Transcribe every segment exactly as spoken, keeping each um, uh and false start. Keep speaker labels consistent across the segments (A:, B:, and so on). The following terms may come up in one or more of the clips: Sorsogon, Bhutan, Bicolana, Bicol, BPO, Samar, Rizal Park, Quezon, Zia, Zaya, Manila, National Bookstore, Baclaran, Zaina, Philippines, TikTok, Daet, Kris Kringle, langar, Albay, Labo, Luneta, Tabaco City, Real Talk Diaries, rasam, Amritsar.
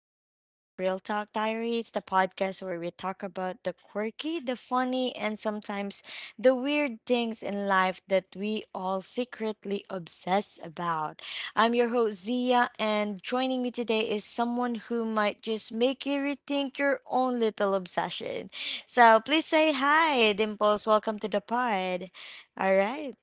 A: episode of Real Talk Diaries, the podcast where we talk about the quirky, the funny, and sometimes the weird things in life that we all secretly obsess about. I'm your host, Zia, and joining me today is someone who might just make you rethink your own little obsession. So please say hi, Dimples. Welcome to the pod. All right,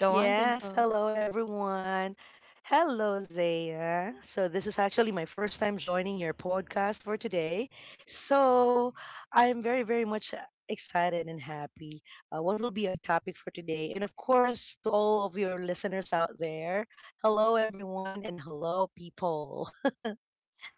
A: go on,
B: Yes,
A: Dimples.
B: hello everyone. Hello, Zaya. So, this is actually my first time joining your podcast for today. So, I'm very, very much excited and happy. Uh, what will be our topic for today? And, of course, to all of your listeners out there, hello everyone and hello people.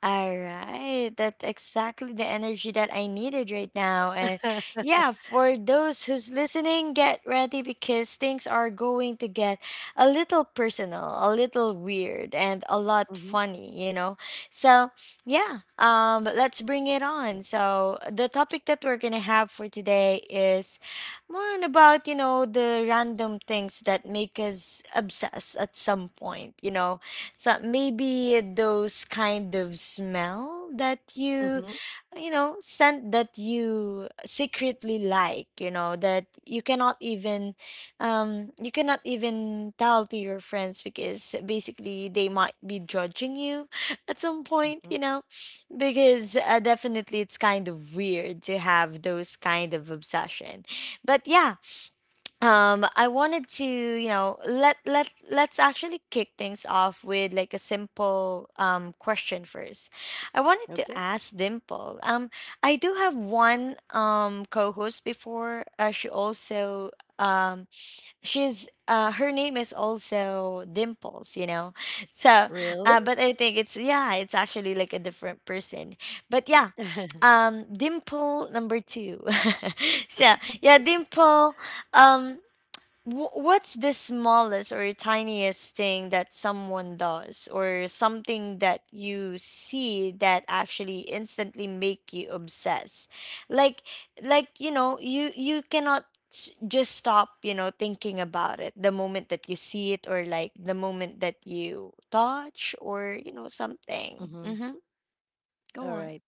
A: All right. That's exactly the energy that I needed right now. And yeah, for those who's listening, get ready because things are going to get a little personal, a little weird, and a lot
B: Hmm.
A: funny, you know? So yeah, um, let's bring it on. So the topic that we're going to have for today is more on about, you know, the random things that make us obsessed at some point, you know? So maybe those kind of smell that you,
B: Hmm.
A: you know, scent that you secretly like, you know, that you cannot even, um, you cannot even tell to your friends because basically they might be judging you at some point, you
B: Hmm.
A: know, because uh, definitely it's kind of weird to have those kind of obsession. But yeah, um I wanted to you know let let let's actually kick things off with like a simple um question first. I wanted to
B: Okay,
A: ask dimple um I do have one um co-host before, uh, she also um she's uh her name is also dimples you know so uh
B: really?
A: but I think it's yeah it's actually like a different person but yeah um dimple number two. So yeah dimple um Wh- What's the smallest or tiniest thing that someone does, or something that you see that actually instantly make you obsess? Like, like you know, you you cannot s- just stop, you know, thinking about it the moment that you see it, or like the moment that you touch, or you know, something.
B: Hmm.
A: Mm-hmm. Go
B: All
A: on.
B: right.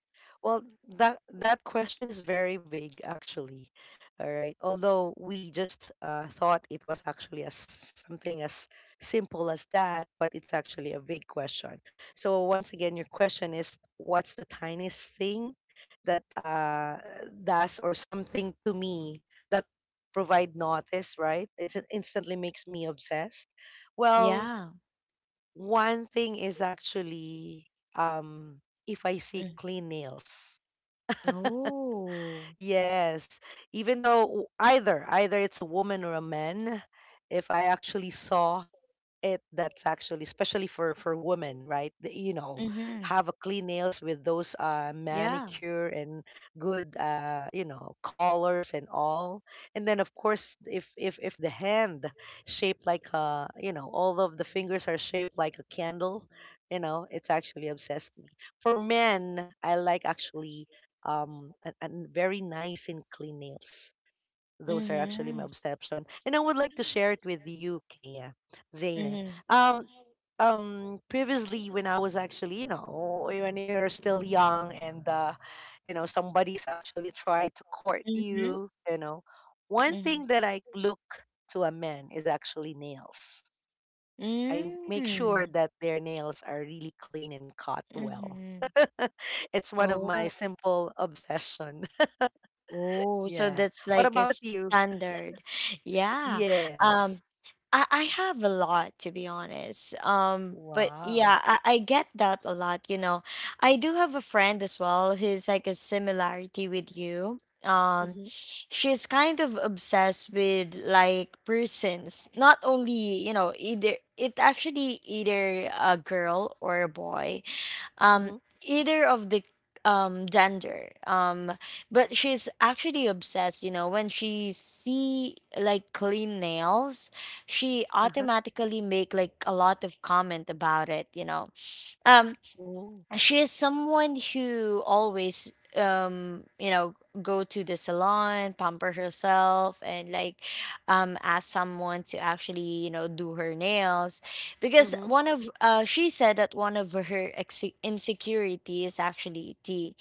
B: Well, that that question is very vague, actually. All right. Although we just uh, thought it was actually as something as simple as that, but it's actually a vague question. So once again, your question is, what's the tiniest thing that uh, does or something to me that provide notice, right? It instantly makes me obsessed. Well,
A: Yeah.
B: one thing is actually, um if I see
A: Mm.
B: clean nails.
A: Oh.
B: Yes. Even though, either either it's a woman or a man, if I actually saw it, that's actually especially for for women, right? The- you know,
A: Mm-hmm.
B: have a clean nails with those uh
A: Yeah.
B: manicure and good, uh you know, collars and all. And then of course, if if if the hand shaped like a, you know, all of the fingers are shaped like a candle, you know, it's actually obsessed me. For men, I like actually, um a, a very nice and clean nails. Those are actually
A: Mm-hmm.
B: my obsession, and I would like to share it with you, Kaya, Zaina.
A: Mhm.
B: um um Previously, when I was actually, you know, when you're still young, and uh you know, somebody's actually trying to court
A: Mhm.
B: you, you know, one thing
A: Mhm.
B: that I look to a man is actually nails. I make sure
A: Mm.
B: that their nails are really clean and cut well.
A: Mhm.
B: It's one of my
A: Oh.
B: simple obsession.
A: Oh, so
B: Yeah,
A: that's
B: what
A: like a
B: about you?
A: standard. Yeah. Um
B: Yes.
A: I I have a lot to be honest. Um but
B: Wow.
A: yeah, I, I get that a lot, you know. I do have a friend as well who's like a similarity with you. Um
B: Mhm.
A: she's kind of obsessed with like persons, not only, you know, either it actually either a girl or a boy um
B: Mhm.
A: either of the um gender um but she's actually obsessed you know when she see like clean nails. She
B: Uh-huh.
A: automatically make like a lot of comment about it you know. um
B: Oh.
A: she is someone who always um you know go to the salon pamper herself and like um ask someone to actually you know do her nails because
B: Mhm.
A: one of uh she said that one of her ex- insecurity is actually the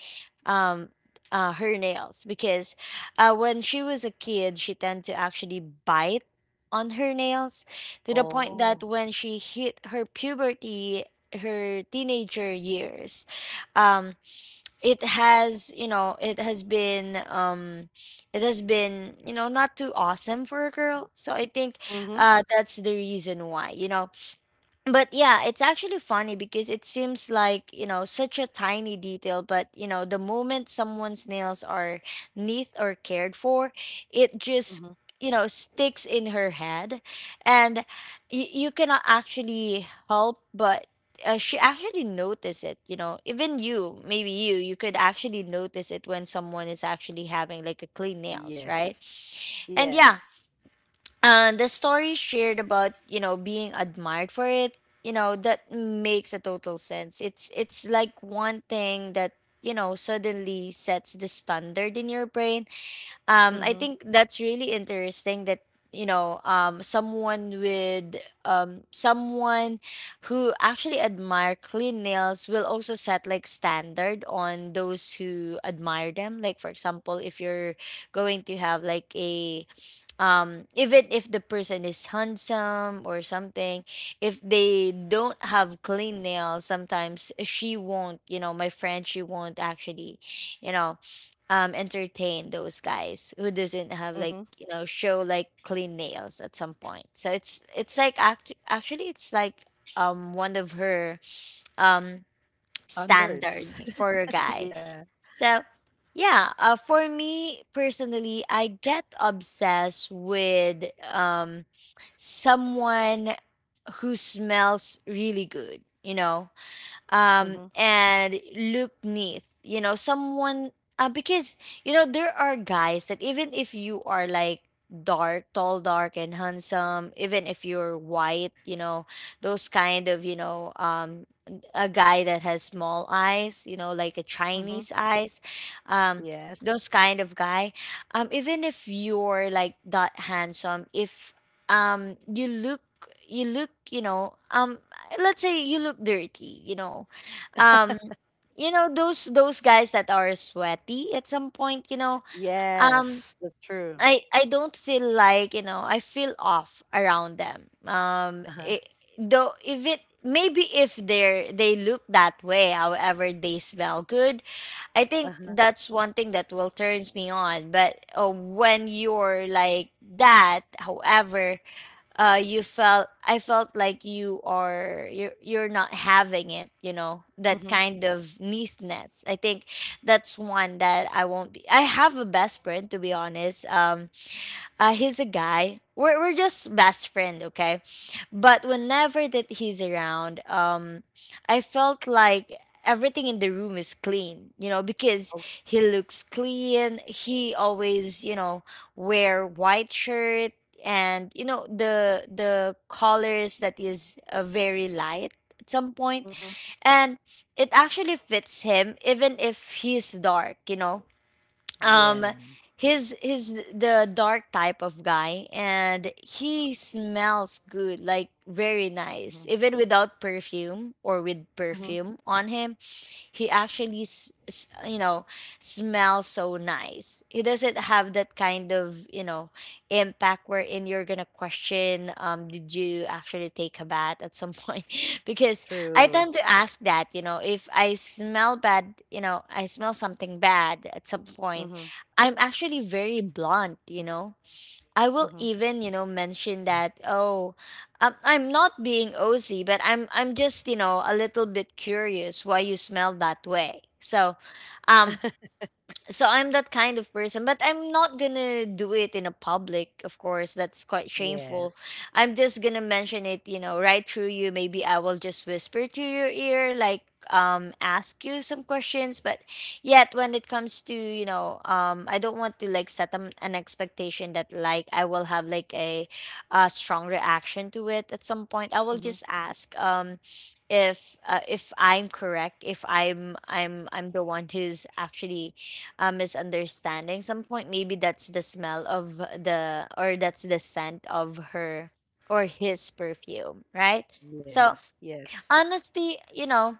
A: um uh, her nails because uh when she was a kid she tend to actually bite on her nails to the point that
B: Oh.
A: when she hit her puberty, her teenager years, um it has you know it has been um it has been you know not too awesome for a girl so I think
B: Mhm.
A: uh that's the reason why you know. But yeah, it's actually funny because it seems like, you know, such a tiny detail, but you know, the moment someone's nails are neat or cared for, it just,
B: Mhm.
A: you know, sticks in her head. And y- you cannot actually help but uh, she actually notice it, you know. Even you, maybe you, you could actually notice it when someone is actually having like a clean nails, right?
B: Yes.
A: And yeah,
B: Yes.
A: uh, the story shared about you know being admired for it you know that makes a total sense. It's it's like one thing that you know suddenly sets the standard in your brain. um I
B: Mhm.
A: think that's really interesting that you know um someone with um someone who actually admire clean nails will also set like standard on those who admire them. Like for example if you're going to have like a um even if the person is handsome or something, if they don't have clean nails sometimes she won't you know my friend she won't actually you know um entertain those guys who doesn't have like
B: Mhm.
A: you know show like clean nails at some point. So it's it's like act- actually it's like um one of her um
B: Standards.
A: standard for a guy.
B: Yeah.
A: So, yeah, uh, for me personally, I get obsessed with um, someone who smells really good, you know?
B: Mhm.
A: Um, and look neat. You know, someone uh, because you know there are guys that even if you are like dark, tall, dark, and handsome, even if you're white, you know those kind of you know um, a guy that has small eyes, you know like a
B: Mhm.
A: Chinese eyes, um,
B: Yes.
A: those kind of guy. Um, even if you're like that handsome, if um you look you look you know um let's say you look dirty, you know. Um you know those those guys that are sweaty at some point, you know. Um
B: Yes. That's true.
A: I I don't feel like, you know, I feel off around them. Um
B: Uh-huh.
A: it, though if it maybe if they're they look that way, however they smell good, I think
B: Uh-huh.
A: that's one thing that will turns me on. But uh, when you're like that, however, uh you felt I felt like you are you're, you're not having it you know that
B: Mhm.
A: kind of neatness. I think that's one that I won't be. I have a best friend to be honest. Um uh, he's a guy. We're we're just best friend, okay? But whenever that he's around, um, I felt like everything in the room is clean, you know, because
B: Okay.
A: he looks clean. He always, you know, wear white shirt and you know the the colors that is uh, very light at some point
B: Mhm.
A: and it actually fits him even if he's dark you know um
B: Yeah.
A: his his the dark type of guy and he smells good like very nice
B: Mhm.
A: even without perfume or with
B: Mhm.
A: perfume on him. He actually s- s- you know smells so nice. He doesn't have that kind of you know impact wherein you're gonna question um did you actually take a bath at some point? Because I tend
B: True.
A: to ask that you know if I smell bad you know I smell something bad at some point.
B: Mhm.
A: I'm actually very blunt you know. I will
B: Mhm.
A: even, you know, mention that, oh, I'm, I'm not being O C, but I'm I'm just, you know, a little bit curious why you smell that way. So, um so I'm that kind of person, but I'm not gonna do it in a public, of course. That's quite shameful.
B: Yes.
A: I'm just gonna mention it, you know, right through you. Maybe I will just whisper to your ear, like um ask you some questions. But yet when it comes to, you know, um I don't want to like set an, an expectation that like I will have like a, a strong reaction to it at some point. I will just
B: Mhm.
A: ask um if uh, if I'm correct, if I'm I'm I'm the one who's actually a misunderstanding some point, maybe that's the smell of the or that's the scent of her or his perfume, right? So
B: Yes. Yes.
A: honestly you know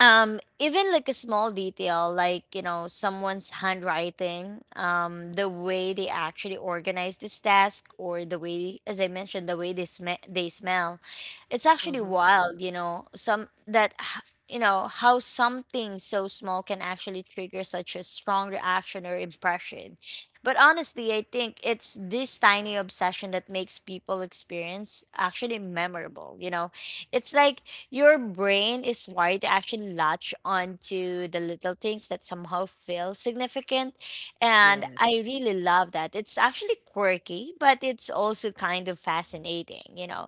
A: um even like a small detail like you know someone's handwriting, um the way they actually organize this task or the way as I mentioned the way they sm- they smell. It's actually
B: Mhm.
A: wild you know some that h- you know how something so small can actually trigger such a strong reaction or impression. But honestly I think it's this tiny obsession that makes people experience actually memorable you know. It's like your brain is wired to actually latch onto the little things that somehow feel significant. And
B: Yes.
A: I really love that. It's actually quirky, but it's also kind of fascinating, you know.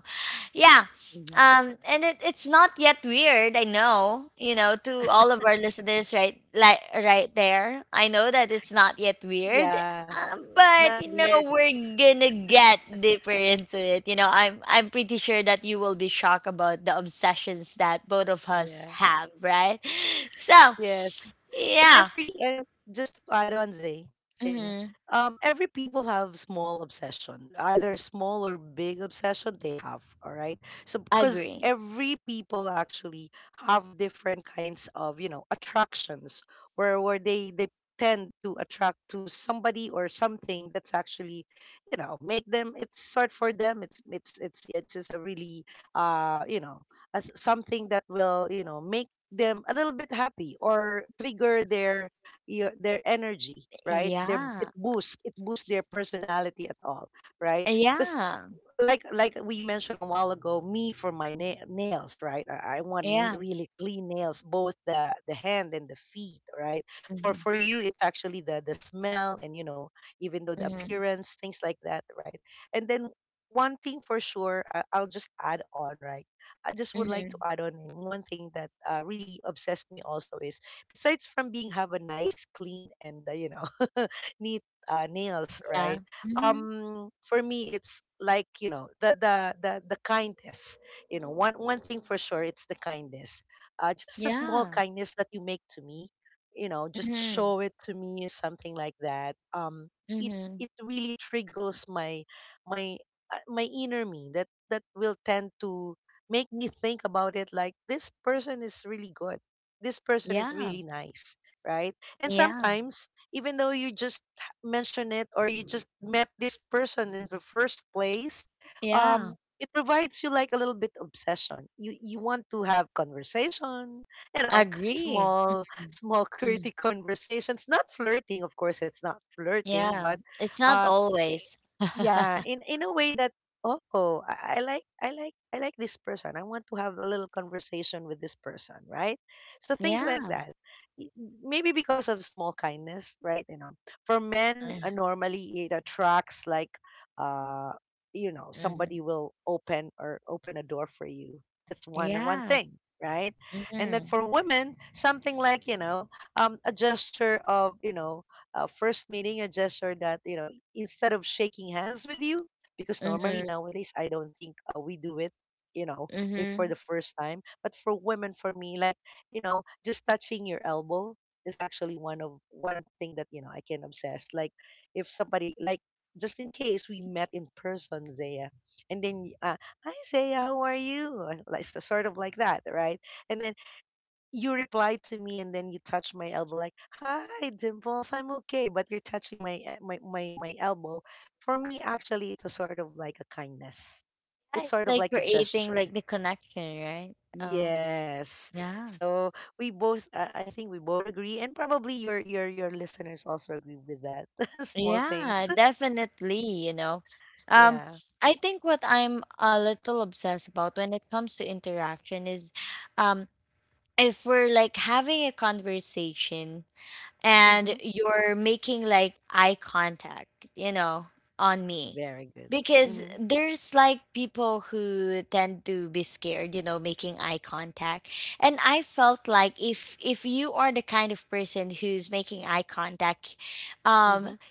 A: Yeah.
B: Mhm.
A: Um, and it, it's not yet weird, I know, you know, to all of our listeners right like right there. I know that it's not yet weird.
B: Yeah.
A: Um,
B: It's
A: but
B: not
A: you know,
B: weird.
A: we're gonna get deeper into it. You know, I'm I'm pretty sure that you will be shocked about the obsessions that both of us
B: Yeah.
A: have, right? So
B: Yes. And
A: yeah.
B: every and just to add on, Zay, Zaina,
A: Mm-hmm.
B: um, every people have small obsession, either small or big obsession they have, all right? So because
A: Agree.
B: every people actually have different kinds of, you know, attractions where where they they tend to attract to somebody or something that's actually, you know, make them, it's sort, for them, it's it's it's it's, it's a really, uh, you know, a, something that will, you know, make them a little bit happy or trigger their, your, their energy, right? Their, it
A: Yeah.
B: boosts it boosts their personality at all, right? Because
A: Yeah.
B: like like we mentioned a while ago, me for my na- nails, right? I, I want,
A: Yeah.
B: n- really clean nails, both the the hand and the feet, right? For
A: Mm-hmm.
B: for you, it's actually the the smell, and you know, even though the
A: Mm-hmm.
B: appearance, things like that, right? And then one thing for sure, I, I'll just add on, right? I just would like
A: Mm-hmm.
B: to add on in one thing that, uh, really obsessed me also is besides from being have a nice, clean, and, uh, you know, neat, uh, nails,
A: Yeah.
B: right?
A: Mm-hmm.
B: Um for me, it's like, you know, the the the, the kindness. You know, one one thing for sure, it's the kindness. Uh, just a small
A: Yeah.
B: kindness that you make to me, you know, just
A: Mm-hmm.
B: show it to me, something like that. Um it,
A: Mhm.
B: it really triggers my, my, uh, my inner me, that that will tend to make me think about it, like this person is really good, this person is
A: Yeah,
B: really nice, right? And
A: yeah,
B: sometimes, even though you just mention it, or you just met this person in the first place,
A: yeah.
B: um it provides you like a little bit obsession. you you want to have conversation, you know,
A: Agree.
B: small
A: Mhm.
B: small
A: Mm.
B: quirky conversations, not flirting, of course. It's not flirting,
A: Yeah,
B: but
A: it's not
B: um i-
A: always.
B: yeah, in in a way that, oh, I, I like i like I like this person, I want to have a little conversation with this person, right? So things like
A: Yeah.
B: that. y- Maybe because of small kindness, right? You know, for men, uh, normally it attracts like, uh, you know,
A: Mm-hmm.
B: somebody will open, or open a door for you. That's one one
A: Yeah.
B: thing, right? And then
A: Mm-hmm.
B: for women, something like, you know, um, a gesture of, you know, uh, first meeting, a gesture that, you know, instead of shaking hands with you, because normally
A: Mm-hmm.
B: nowadays I don't think, uh, we do it. You know, if for
A: Mm-hmm.
B: the first time, but for women, for me, like, you know, just touching your elbow, is actually one of one thing that, you know, I can obsess. Like, if somebody like, just in case we met in person, Zaya, and then, y- uh, hi Zaya, how are you? Or like, so- sort of like that, right? And then you reply to me, and then you touch my elbow, like, hi Dimples, I'm okay, but you're touching my, eh, my my my elbow. For me, actually, it's a sort of like a kindness.
A: Yeah,
B: It's
A: it's
B: sort of
A: like
B: like a
A: creating like
B: gesture.
A: the connection, right? Um,
B: Yes.
A: yeah.
B: So, we both, uh, I think we both agree, and probably your your your listeners also agree with that. Small
A: Yeah,
B: things.
A: definitely, you know. Um,
B: Yeah.
A: I think what I'm a little obsessed about when it comes to interaction is um if we're like having a conversation and
B: Mm-hmm.
A: you're making like eye contact, you know, on me.
B: Very good.
A: Because
B: Mm-hmm.
A: there's like people who tend to be scared, you know, making eye contact. And I felt like if if you are the kind of person who's making eye contact, um
B: Mm-hmm.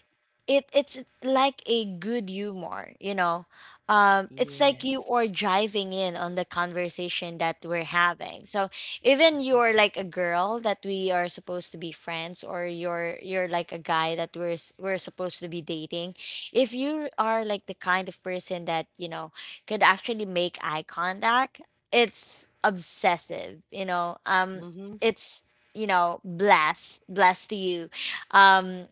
A: it it's like a good humor you know um It's like you
B: Yes.
A: are driving in on the conversation that we're having. So even you're like a girl that we are supposed to be friends, or you're you're like a guy that we're s- we're supposed to be dating. If you are like the kind of person that you know could actually make eye contact, it's obsessive, you know. Um
B: Mm-hmm.
A: it's, you know, bless bless to you. um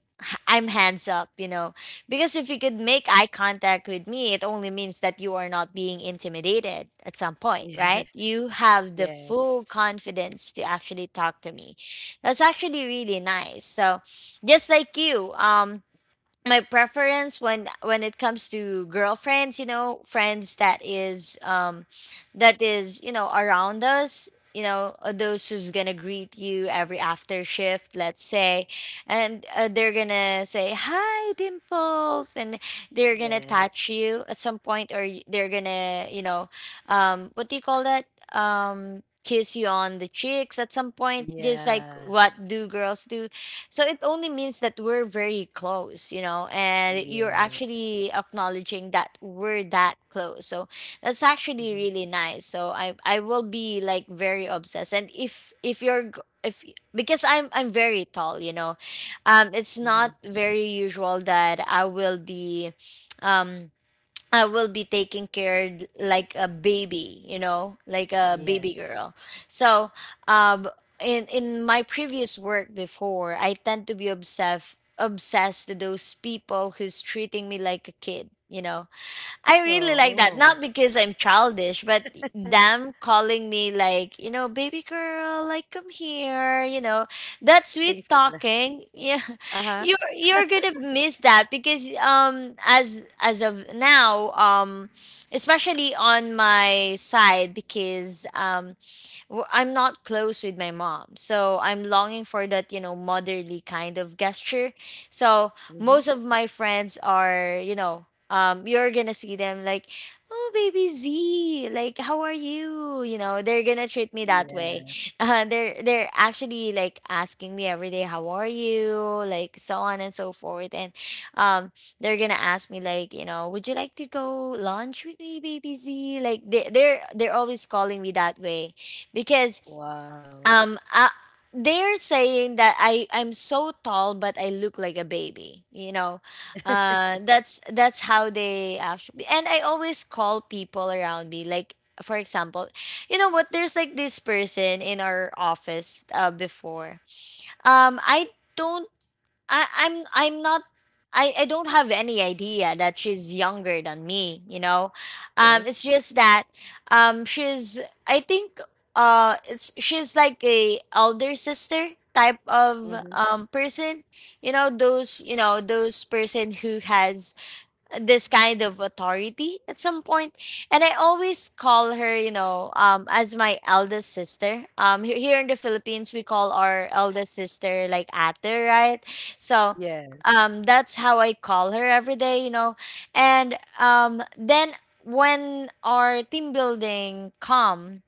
A: I'm hands up, you know. Because if you could make eye contact with me, it only means that you are not being intimidated at some point, right? You have the
B: Yeah.
A: full
B: Yes.
A: confidence to actually talk to me. That's actually really nice. So, just like you, um my preference when when it comes to girlfriends, you know, friends, that is um that is, you know, around us, you know, uh, those who's gonna greet you every after shift, let's say, and uh, they're gonna say hi dimples, and they're gonna
B: Yeah.
A: touch you at some point, or y- they're gonna, you know, um what do you call that um kiss you on the cheeks at some point, just like
B: Yeah.
A: what do girls do. So it only means that we're very close, you know, and you're
B: Yes.
A: actually acknowledging that we're that close. So that's actually
B: Mm-hmm.
A: really nice. So I I will be like very obsessed. And if if you're g- if because I'm I'm very tall, you know, um, it's not
B: Mm-hmm.
A: very usual that I will be, um I will be taking care like a baby, you know, like a baby
B: Yes.
A: girl. So, um, in in my previous work before, I tend to be obsessed obsessed to those people who's treating me like a kid, you know. I really like that. Not
B: Oh,
A: because I'm childish, but them calling me like, you know, baby girl, like come here, you know, that sweet
B: things like that.
A: talking. Yeah,
B: Uh-huh.
A: you're you're gonna miss that because um as as of now, um especially on my side, because um w- I'm not close with my mom. So I'm longing for that, you know, motherly kind of gesture. So most
B: Mm-hmm.
A: of my friends are, you know, um, you're gonna see them like, oh, baby Z, like, how are you? You know, they're gonna treat me that way.
B: Yeah.
A: Uh, they're they're actually like asking me every day, how are you? Like so on and so forth. And um, they're gonna ask me like, you know, would you like to go lunch with me, baby Z? Like they they're they're always calling me that way because
B: Wow.
A: um uh, they're saying that I I'm so tall but I look like a baby, you know. Uh, that's that's how they actually, and I always call people around me like, for example, you know what, there's like this person in our office uh before. Um I don't I, I'm I'm not I, I don't have any idea that she's younger than me, you know. Um,
B: Okay.
A: it's just that um she's, I think, uh it's she's like a elder sister type of
B: Mm-hmm.
A: um person. You know, those, you know, those person who has this kind of authority at some point. And I always call her, you know, um as my eldest sister. Um he- here in the Philippines we call our eldest sister like ate, right? So, um,
B: Yes.
A: that's how I call her every day, you know. And um then when our team building come,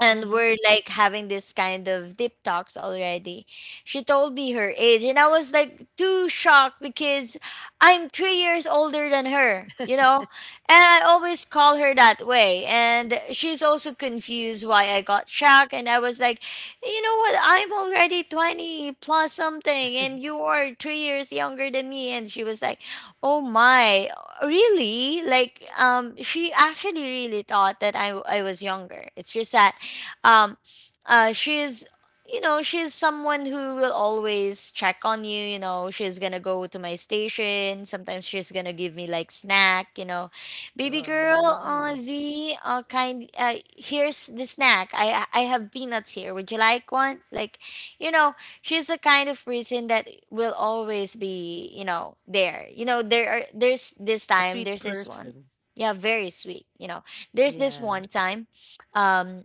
A: and
B: Mm-hmm.
A: we're like having this kind of deep talks already. She told me her age, and I was like too shocked because I'm three years older than her, you know? And I always call her that way. And she's also confused why I got shocked. And I was like, you know what? I'm already twenty plus something, and you are three years younger than me. And she was like, oh my, really? Like, um, she actually really thought that I, I was younger. It's just that um, uh, she's, you know, she's someone who will always check on you, you know. She's gonna go to my station sometimes, she's gonna give me like snack, you know, baby girl,
B: Ah,
A: uh, z, uh, kind, uh, here's the snack, i i have peanuts here, would you like one? Like, you know, she's the kind of person that will always be, you know, there. You know, there are there's this
B: a
A: time
B: sweet
A: there's this one,
B: person.
A: yeah, very sweet, you know, there's this one
B: Yeah.
A: time. um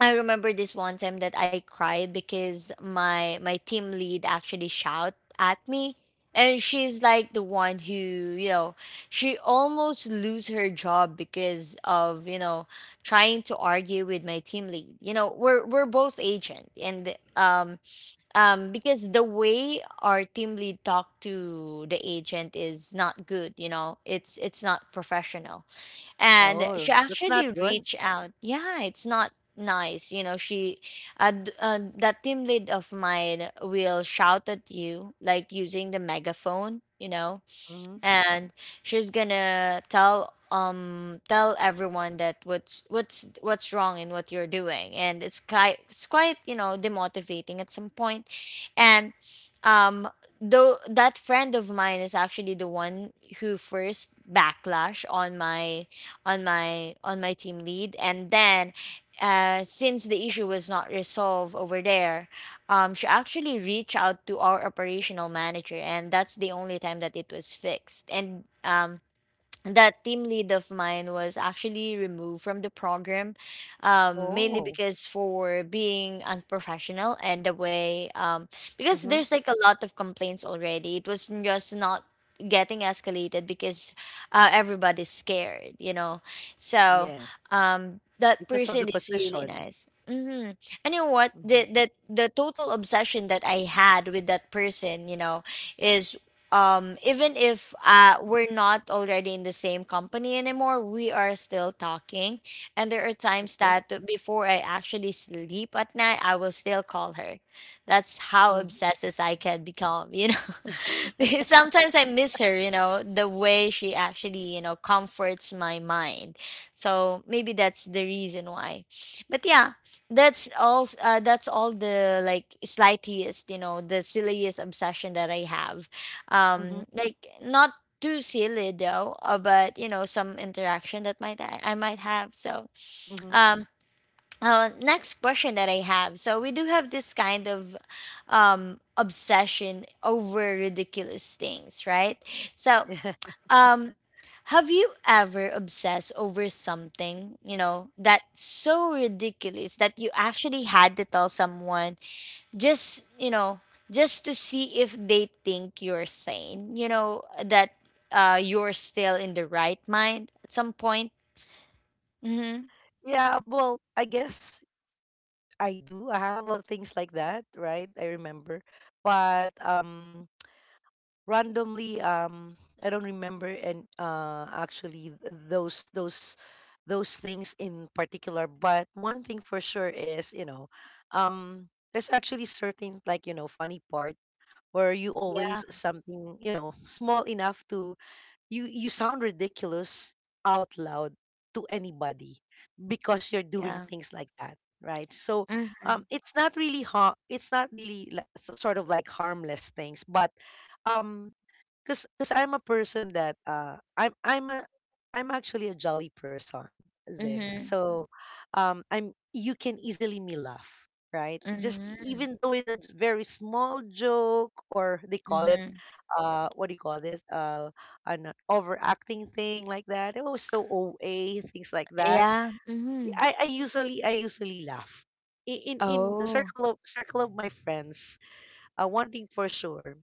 A: I remember this one time that I cried because my my team lead actually shout at me, and she's like the one who, you know, she almost lose her job because of, you know, trying to argue with my team lead. You know, we're we're both agent. And um um because the way our team lead talked to the agent is not good, you know. It's it's not professional, and she
B: Oh, that's
A: actually
B: not good.
A: reached out. Yeah, it's not nice, you know. She, uh, d- uh, that team lead of mine, will shout at you like using the megaphone, you know.
B: Mm-hmm.
A: And she's gonna tell um tell everyone that what's what's what's wrong in what you're doing, and it's quite it's quite, you know, demotivating at some point. And um though that friend of mine is actually the one who first backlash on my on my on my team lead. And then uh, since the issue was not resolved over there, um, she actually reached out to our operational manager, and that's the only time that it was fixed. And um, that team lead of mine was actually removed from the program um, mainly
B: Oh.
A: because for being unprofessional, and the way um, because
B: Mm-hmm.
A: there's like a lot of complaints already, it was just not getting escalated because uh, everybody's scared, you know. So
B: Yes.
A: um, that
B: Because of
A: person
B: the
A: is really
B: position.
A: nice. Hmm. And you know what, the,
B: Mm-hmm.
A: the the total obsession that I had with that person, you know, is um even if uh we're not already in the same company anymore, we are still talking. And there are times
B: Okay.
A: that before I actually sleep at night, I will still call her. That's how
B: Mm-hmm.
A: obsessed as I can become, you know. Because sometimes I miss her, you know, the way she actually, you know, comforts my mind. So maybe that's the reason why. But yeah, that's all, uh, that's all the like slightest, you know, the silliest obsession that I have. Um,
B: Mm-hmm.
A: like not too silly though, uh, but you know, some interaction that might I, I might have. So
B: Mm-hmm.
A: um uh, next question that I have. So we do have this kind of um obsession over ridiculous things, right? So,
B: Yeah.
A: um, have you ever obsessed over something, you know, that's so ridiculous that you actually had to tell someone, just, you know, just to see if they think you're sane, you know, that uh you're still in the right mind at some point? Mm-hmm.
B: Yeah. Well, I guess I do. I have a lot of things like that, right? I remember. But, um, randomly, um I don't remember, and uh actually th- those those those things in particular, but one thing for sure is, you know, um there's actually certain, like, you know, funny part where you
A: Yeah.
B: always something, you know, small enough to, you you sound ridiculous out loud to anybody because you're doing
A: Yeah.
B: things like that, right? So,
A: Mm-hmm.
B: um it's not really, ha- it's not really like, sort of like harmless things, but um cause cause I'm a person that, uh I'm I'm a, I'm actually a jolly person, Zaya.
A: Mm-hmm.
B: So, um I'm, you can easily me laugh, right? Just
A: Mm-hmm.
B: even though in a, j- very small joke, or they call it,
A: Mm-hmm.
B: uh what do you call this? Uh an overacting thing like that. Oh, so O A, things like that.
A: Yeah. Mm-hmm.
B: I, I usually I usually laugh. I- In in the
A: Oh,
B: circle of circle of my friends, uh, one thing for sure,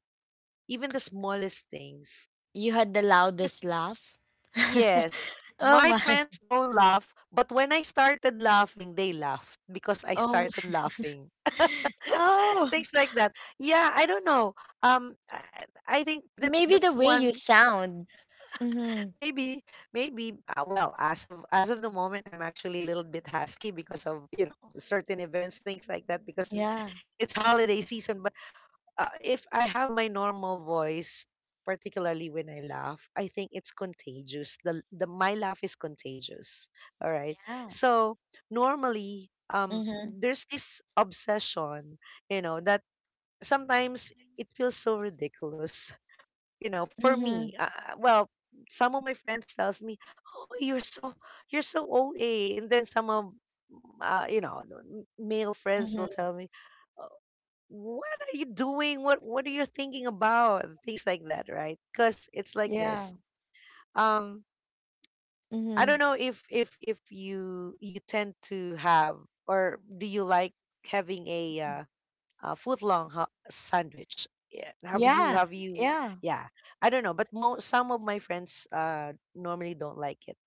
B: even the smallest things.
A: you had the loudest laugh.
B: Yes.
A: Oh
B: My
A: my.
B: friends don't laugh, but when I started laughing, they laughed because I
A: Oh
B: started
A: my.
B: laughing.
A: Oh,
B: Things like that. Yeah, I don't know. Um, I I think
A: maybe
B: that's
A: the way
B: that's
A: you
B: one,
A: sound. Mm-hmm.
B: maybe. Maybe uh, well, as of as of the moment, I'm actually a little bit husky because of, you know, certain events, things like that, because
A: Yeah.
B: we- it's holiday season. But, uh, if I have my normal voice, particularly when I laugh, I think it's contagious. The the my laugh is contagious. All right.
A: Yeah.
B: So normally, um,
A: Mm-hmm.
B: there's this obsession, you know, that sometimes it feels so ridiculous. You know, for
A: Mm-hmm.
B: me, uh, uh, well, some of my friends tells me, "Oh, you're so, you're so O A," and then some of, mm, uh, you know, male friends will
A: Mm-hmm.
B: tell me, what are you doing, what what are you thinking about, things like that, right? Because it's like
A: Yeah.
B: this, um I
A: Mm-hmm.
B: don't know if if if you, you tend to have, or do you like having a, uh, a foot long, ho- sandwich? Yeah, have you
A: Yeah,
B: have you
A: yeah.
B: yeah, I don't know, but mo- some of my friends, uh normally don't like it.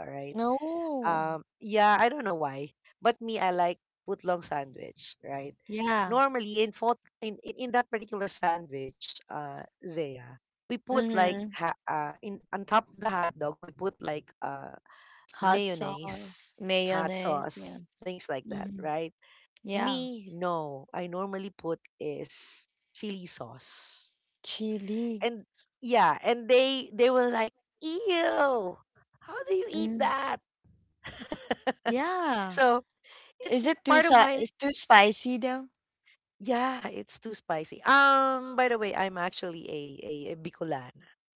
B: All right.
A: No.
B: Um, yeah, I don't know why, but me, I like footlong sandwich, right?
A: Yeah.
B: Normally, in foot, in, in in that particular sandwich, uh, Zaya, we put
A: Mhm.
B: like, ha- uh in on top of the hot dog, we put like, uh
A: Hot
B: mayonnaise,
A: sauce,
B: hot
A: mayonnaise, yeah.
B: sauce, things like that,
A: Mhm.
B: right?
A: Yeah.
B: Me, no, I normally put is chili sauce,
A: Chili.
B: and yeah, and they they were like, ew, how do you eat
A: Mm.
B: that?
A: Yeah.
B: So it's
A: Is it too
B: part of
A: sa,
B: my.
A: it's too spicy though?
B: Yeah, it's too spicy. Um, by the way, I'm actually a a, a Bicolana.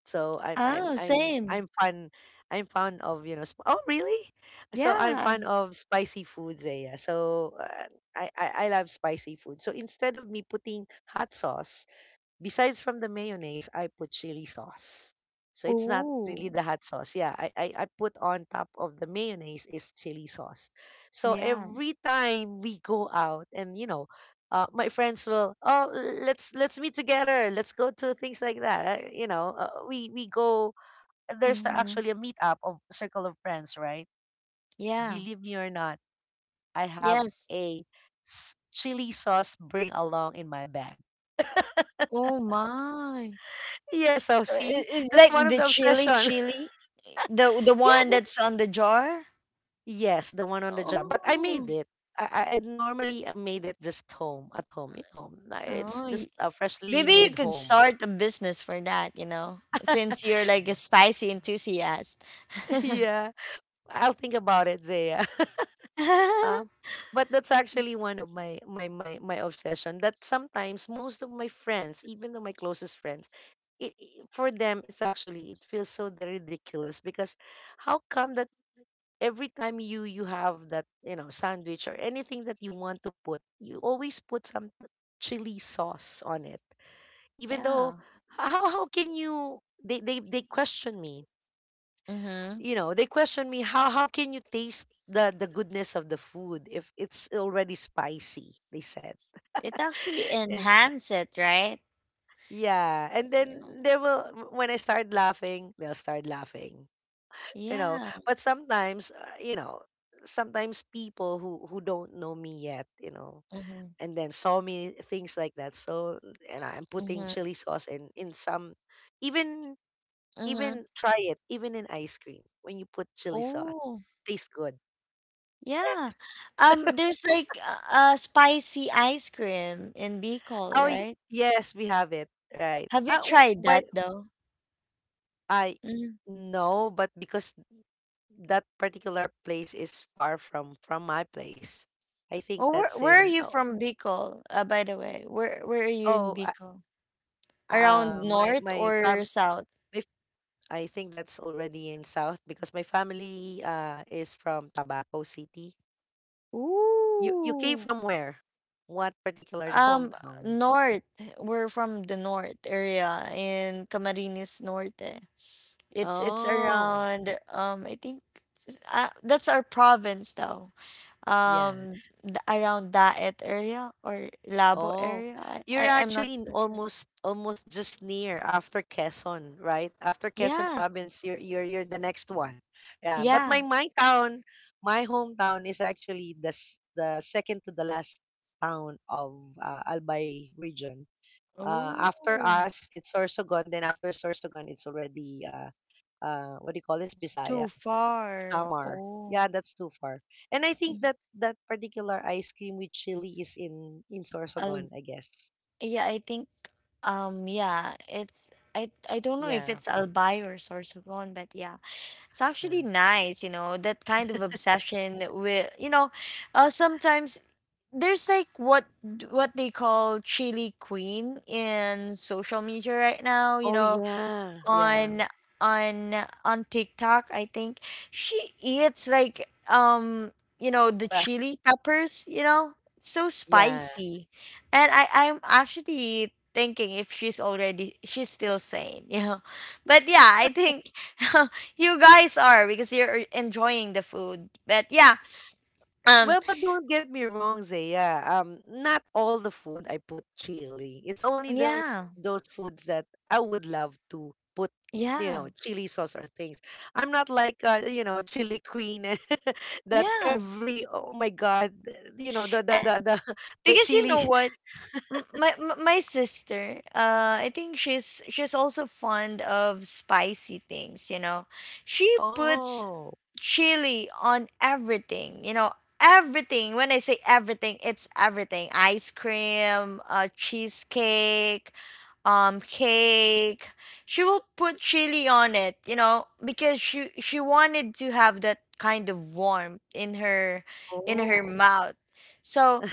B: So I'm I'm
A: Oh,
B: I'm
A: same.
B: I'm fun, I'm fond of, you know, sp- oh, really? So I'm
A: Yeah.
B: fond of spicy foods, eh, yeah. So, uh, I, I I love spicy food. So instead of me putting hot sauce. Besides from the mayonnaise, I put chili sauce. So it's not really
A: Oh,
B: the hot sauce. Yeah, I, I, I put on top of the mayonnaise is chili sauce. So
A: yeah.
B: every time we go out and, you know, uh, my friends will, oh, l- let's let's meet together. Let's go to, things like that. Uh, you know, uh, we we go. There's
A: Mhm.
B: actually a meetup of circle of friends, right?
A: Yeah.
B: Believe me or not, I have
A: Yes.
B: a s- chili sauce bring along in my bag.
A: Oh my.
B: Yeah, so
A: So
B: see,
A: it, I
B: that's
A: like
B: one of
A: the
B: the
A: chili
B: obsession.
A: chili, the the
B: Yeah,
A: one
B: the,
A: that's on the jar?
B: yes, the one on the job. But I made
A: Oh.
B: it. I, I I normally uh, made it just home at home. You know, na- it's
A: Oh,
B: just a freshly
A: maybe you
B: made
A: could
B: home.
A: start a business for that, you know, since you're like a spicy enthusiast.
B: yeah, I'll think about it, Zaya. um, but that's actually one of my my my my obsession. That sometimes most of my friends, even though my closest friends, it, it- for them it's actually it feels so the ridiculous. Because how come that every time you you have that you know sandwich or anything that you want to put, you always put some chili sauce on it. Even though
A: Yeah.
B: how how can you, they they, they question me,
A: Mm-hmm.
B: you know they question me, how how can you taste the the goodness of the food if it's already spicy, they said.
A: It actually
B: And
A: enhance it, right?
B: yeah, and then
A: Yeah.
B: they will when I start laughing, they'll start laughing you know
A: Yeah.
B: but sometimes uh, you know sometimes people who who don't know me yet, you know
A: Mm-hmm.
B: and then saw me things like that. So, and I'm putting
A: Mm-hmm.
B: chili sauce in in some. Even,
A: Mm-hmm.
B: even try it, even in ice cream. When you put chili sauce,
A: Oh,
B: tastes good.
A: yeah. Um, there's like a, a spicy ice cream in Bicol,
B: oh y-
A: right?
B: yes, we have it, right,
A: Have you
B: uh, w-
A: tried
B: but
A: that though?
B: I,
A: Mm.
B: no, but because that particular place is far from from my place. I think
A: Oh, where
B: that's
A: where are
B: in,
A: you
B: oh,
A: from Bicol? Uh, by the way, where where are you in
B: oh.
A: Bicol? Around
B: Uh, my
A: north
B: my
A: or
B: fam
A: south?
B: my, f- I think that's already in South, because my family uh is from Tabaco City. You you came
A: Ooh.
B: from where? What particular
A: Um,
B: hometown?
A: north. We're from the north area in Camarines Norte. It's it's
B: Oh,
A: around um I think s- uh, that's our province though.
B: yeah.
A: Um, th- around Daet area or Labo
B: Oh,
A: area. I,
B: you're
A: I I'm not
B: actually n-
A: too sure.
B: almost almost just near after Quezon, right? After Quezon
A: Yeah,
B: province, you're you're you're the next one. Yeah, but my
A: yeah.
B: my town, my hometown is actually the s- the second to the last town of uh, Albay region. Uh,
A: Oh,
B: after us, it's Sorsogon. Then after Sorsogon, it's already uh, uh, what do you call this?
A: too
B: Bisaya,
A: far.
B: Samar.
A: Oh,
B: Yeah, that's too far. And I think
A: mm,
B: that that particular ice cream with chili is in in
A: a.
B: Sorsogon, I guess.
A: Yeah, I think um yeah, it's I I don't know if
B: Yeah.
A: it's Albay or Sorsogon, but yeah. It's actually
B: uh,
A: nice, you know, that kind of obsession with, you know, uh, sometimes there's like what d- what they call chili queen in social media right now, you
B: oh
A: know,
B: yeah, yeah.
A: on on on TikTok, I think she eats like um, you know, the
B: Well,
A: chili peppers, you know, it's so
B: yeah.
A: spicy, and I I'm actually thinking if she's already she's still sane, you know, but yeah, I think you guys are because you're enjoying the food, but yeah, um,
B: Well, but don't get me wrong, Zaya. Um, not all the food I put chili. It's only those
A: yeah,
B: those foods that I would love to put, you
A: yeah,
B: know, chili sauce or things. I'm not like uh, you know, chili queen. That
A: yeah.
B: every, oh my god, you know, the
A: Uh,
B: the the the, the
A: because you
B: chili.
A: know what, M- My m- my sister, uh, I think she's she's also fond of spicy things. You know, she puts
B: Oh.
A: chili on everything. You know, everything. When I say everything, it's everything: ice cream, uh, cheesecake, um, cake. She will put chili on it. You know, because she she wanted to have that kind of warmth in her in her
B: Oh.
A: mouth. So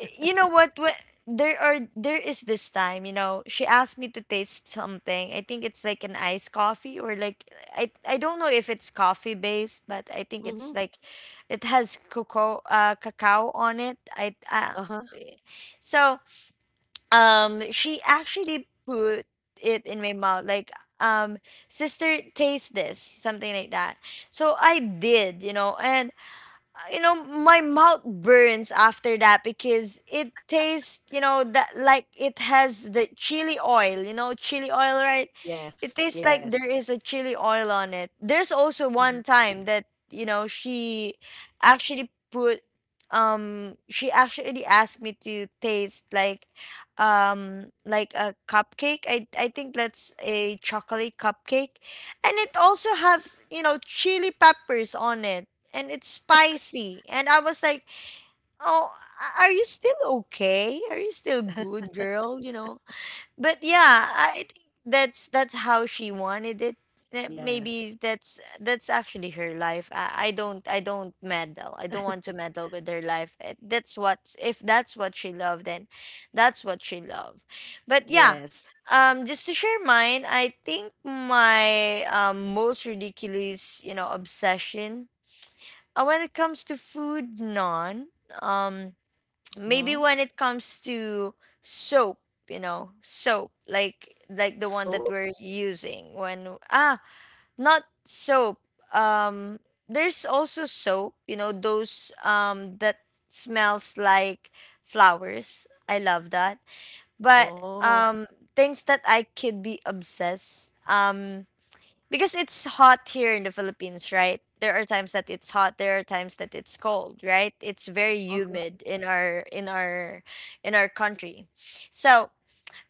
A: Eh, you know what when, there are there is this time, you know, she asked me to taste something. I think it's like an iced coffee or like i i don't know if it's coffee based, but I think
B: Mm-hmm.
A: it's like it has cocoa, uh cacao on it. I uh,
B: Uh-huh.
A: so um She actually put it in my mouth like, um "Sister, taste this," something like that. So I did, you know. And uh, you know my mouth burns after that because it tastes, you know, that like it has the chili oil, you know, chili oil, right? It
B: Yes.
A: tastes like there
B: Yes.
A: is a chili oil on it. There's also one
B: Hmm.
A: time that, you know, she actually put um she actually asked me to taste like, um like a cupcake. I i think that's a chocolate cupcake, and it also have, you know, chili peppers on it, and it's spicy. And I was like, "Oh, a- are you still okay? Are you still good, girl?" You know. But yeah, I think that's that's how she wanted it. Eh, Maybe
B: Yes.
A: that's that's actually her life. I, I don't I don't meddle. I don't want to meddle with her life. Eh, That's what, if that's what she loved, then that's what she loved. But yeah,
B: Yes.
A: um, just to share mine, I think my, um, most ridiculous, you know, obsession, uh, when it comes to food, none. Um, Maybe
B: Mm-hmm.
A: when it comes to soap, you know, soap like like the one that
B: So?
A: we're using when ah not soap. Um, there's also soap. You know those um that smells like flowers. I love that. But
B: Oh.
A: um, things that I could be obsessed. Um, because it's hot here in the Philippines, right? There are times that it's hot, there are times that it's cold, right? It's very
B: Uh-huh.
A: humid in our in our in our country. So,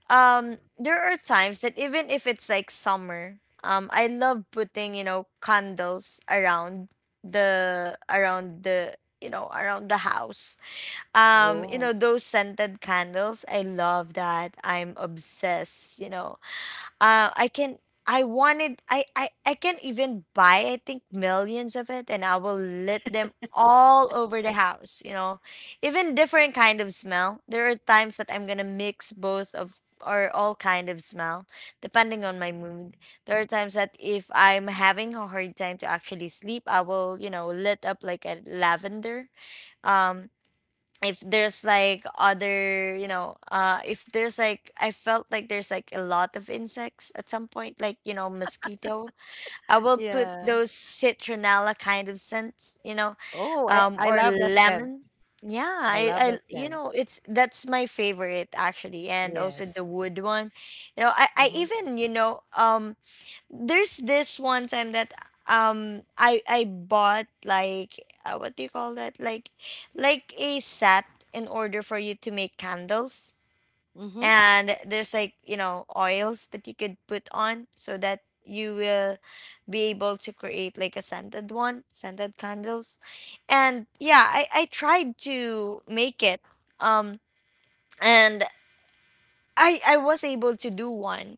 A: um there are times that even if it's like summer, um I love putting, you know, candles around the around the you know, around the house. Um, you know,
B: Oh.
A: those scented candles, I love that. I'm obsessed, you know. uh i can i wanted I, I i can even buy, I think, millions of it, and I will lit them all over the house, you know, even different kind of smell. There are times that I'm gonna mix both of or all kind of smell depending on my mood. There are times that if I'm having a hard time to actually sleep, I will, you know, lit up like a lavender. um if there's like other, you know, uh if there's like I felt like there's like a lot of insects at some point, like, you know, mosquito, I will put
B: Yeah.
A: those citronella kind of scents, you know.
B: Oh, I,
A: Um
B: I
A: or
B: love that scent.
A: lemon. Yeah,
B: I
A: i i
B: love that
A: you
B: scent.
A: know it's that's my favorite actually, and also the
B: Yes.
A: wood one, you know. I i
B: Mm-hmm.
A: even, you know, um there's this one time that, um I I bought like, uh, what do you call that, like like a set in order for you to make candles,
B: Mm-hmm.
A: and there's like, you know, oils that you could put on so that you will be able to create like a scented one, scented candles. And yeah, I I tried to make it, um and I I was able to do one.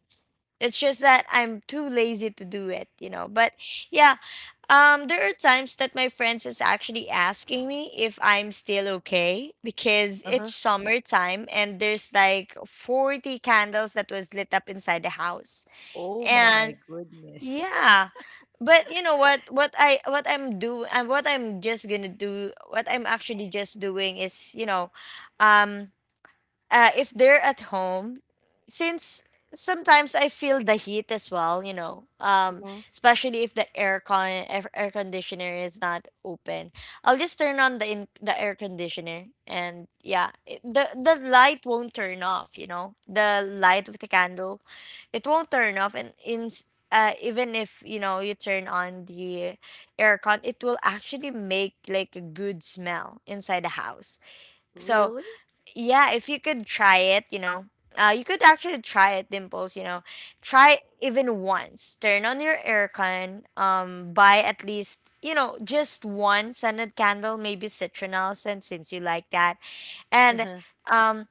A: It's just that I'm too lazy to do it, you know, but yeah. Um, there are times that my friends is actually asking me if I'm still okay because it's
B: Uh-huh.
A: summertime and there's like forty candles that was lit up inside the house.
B: Oh
A: And
B: my goodness.
A: yeah. But you know what what I what I'm do and what I'm just going to do what I'm actually just doing is, you know, um uh, if they're at home, since sometimes I feel the heat as well, you know, um,
B: Mm-hmm.
A: especially if the air con air air conditioner is not open, I'll just turn on the in the air conditioner, and yeah, it, the the light won't turn off, you know, the light of the candle, it won't turn off, and in uh, even if you know you turn on the aircon, it will actually make like a good smell inside the house. So
B: Really?
A: yeah, if you could try it, you know, uh, you could actually try it, Dimples, you know. Try even once, turn on your aircon, um buy at least, you know, just one scented candle, maybe citronelle scent since you like that. And
B: Uh-huh.
A: um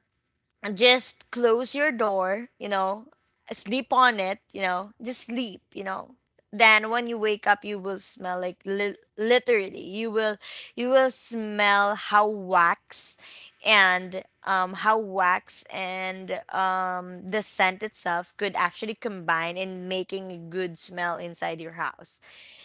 A: just close your door, you know, sleep on it, you know, just sleep, you know. Then when you wake up, you will smell like, li- literally, you will you will smell how wax and, um, how wax and um, the scent itself could actually combine in making a good smell inside your house.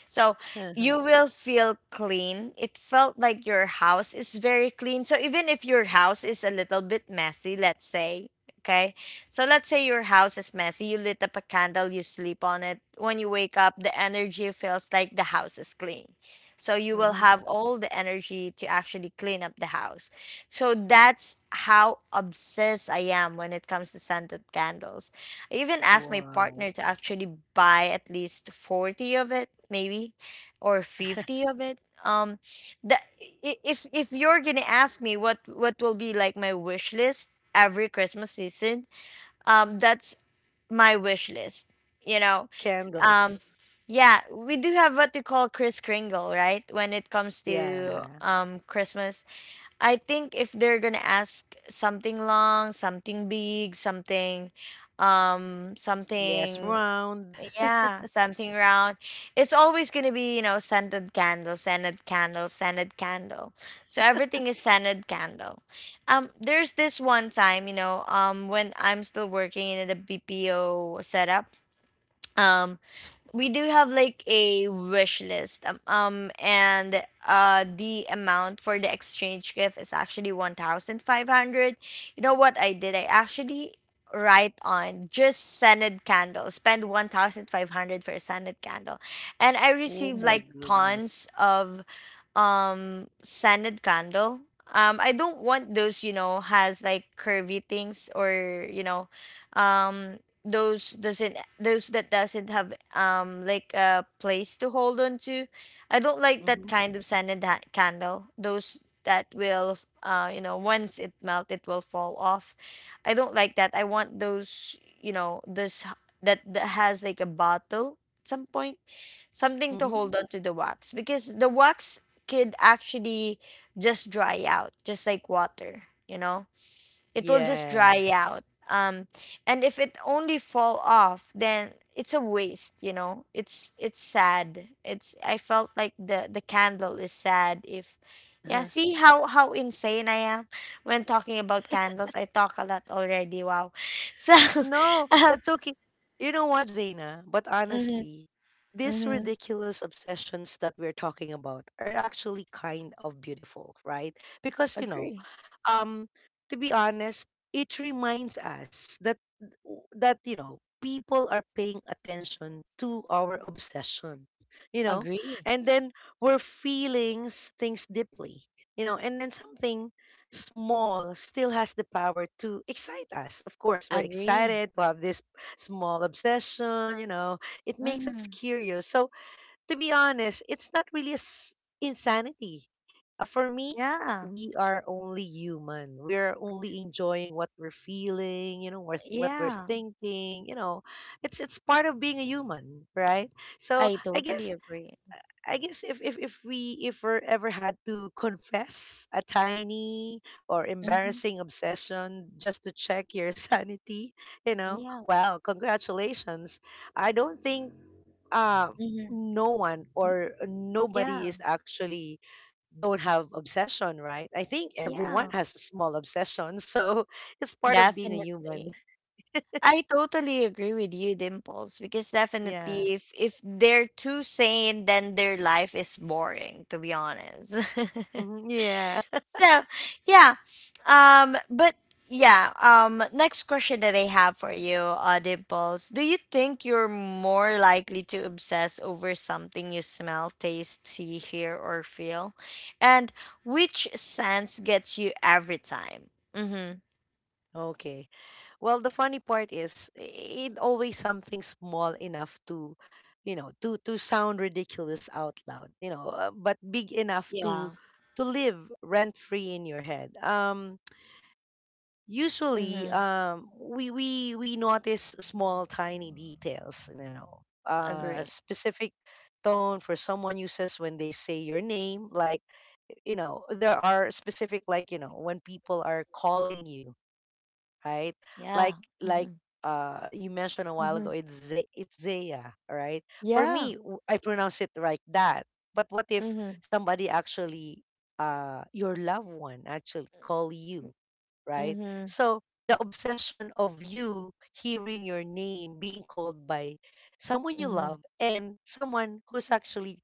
A: So you
B: Uh-huh.
A: will feel clean. It felt like your house is very clean. So even if your house is a little bit messy, let's say, okay? So let's say your house is messy. You lit up a candle, you sleep on it. When you wake up, the energy feels like the house is clean. So you will
B: Mm-hmm.
A: have all the energy to actually clean up the house. So that's how obsessed I am when it comes to scented candles. I even asked my partner
B: Wow.
A: to actually buy at least forty of it, maybe, or fifty of it. Um, that i- if if you're gonna ask me what what will be like my wish list every Christmas season, um, that's my wish list. You know, um,
B: Candles.
A: yeah, we do have what we call Kris Kringle, right? When it comes to
B: Yeah.
A: um Christmas, I think if they're gonna ask something long, something big, something, um,
B: Yes,
A: something,
B: round.
A: yeah, something round, it's always gonna be, you know, scented candle, scented candle, scented candle. So everything is scented candle. Um, there's this one time, you know, um, when I'm still working in the B P O setup. um we do have like a wish list, um, um and uh the amount for the exchange gift is actually one thousand five hundred. You know what I did? I actually write on just scented candle, spend one thousand five hundred for a scented candle. And I
B: Oh
A: received
B: my
A: like
B: goodness.
A: tons of um scented candle. um I don't want those, you know, has like curvy things or, you know, um those doesn't those that doesn't have um like a place to hold on to. I don't like that
B: Mm-hmm.
A: kind of scented ha- candle, those that will, uh you know, once it melt, it will fall off. I don't like that. I want those, you know, this h- that, that, has like a bottle at some point, something to
B: Mm-hmm.
A: hold on to the wax, because the wax could actually just dry out just like water, you know. It will just dry
B: Yes.
A: out. Um, and if it only fall off, then it's a waste, you know. It's it's sad. It's I felt like the the candle is sad if yeah. See how how insane I am when talking about candles. I talk a lot already. Wow. So
B: No,
A: um
B: that's okay. You know what, Zaina? But
A: mhm,
B: honestly, these
A: mhm,
B: ridiculous obsessions that we're talking about are actually kind of beautiful, right? Because, you know,
A: agree.
B: um, to be honest, it reminds us that that, you know, people are paying attention to our obsession, you know,
A: Agree.
B: and then we're feeling things deeply, you know, and then something small still has the power to excite us. Of course, we're
A: Agree.
B: excited to have this small obsession, you know, it makes us
A: Mhm.
B: curious. So, to be honest, it's not really a s- insanity. Uh, for me,
A: Yeah.
B: we are only human. We are only enjoying what we're feeling, you know, what what we're
A: Yeah.
B: thinking, you know, It's it's part of being a human, right? So,
A: I
B: I
A: totally
B: guess
A: agree.
B: I guess if, if, if we if we ever had to confess a tiny or
A: Mhm.
B: embarrassing obsession just to check your sanity, you know,
A: Yeah.
B: well, congratulations. I don't think uh,
A: Mhm.
B: no one or
A: Yeah.
B: nobody is actually don't have obsession, right? I think everyone
A: Yeah.
B: has a small obsession, so it's part of being a human.
A: Definitely. I totally agree with you, Dimples, because
B: Yeah.
A: definitely if if they're too sane, then their life is boring, to be honest.
B: Mhm. Yeah.
A: So, yeah. Um, but yeah, um next question that I have for you, uh, Dimples. Do you think you're more likely to obsess over something you smell, taste, see, hear, or feel? And which sense gets you every time? Mm-hmm.
B: Okay. Well, the funny part is it always something small enough to, you know, to to sound ridiculous out loud, you know, uh, but big enough
A: Yeah.
B: to to live rent free in your head. Um, usually,
A: Mm-hmm.
B: um, we we we notice small, tiny details, you know, uh,
A: Agree.
B: specific tone for someone uses when they say your name, like, you know, there are specific, like you know, when people are calling you, right?
A: Yeah.
B: Like like
A: Hmm.
B: uh you mentioned a while ago,
A: Mm-hmm.
B: it's Ze- it's Zaya, right? For
A: Yeah.
B: me, w- I pronounce it like that. But what if
A: Mm-hmm.
B: somebody actually, uh your loved one actually call you, right?
A: Mm-hmm.
B: So the obsession of you hearing your name being called by someone you
A: Hmm.
B: love, and someone who's actually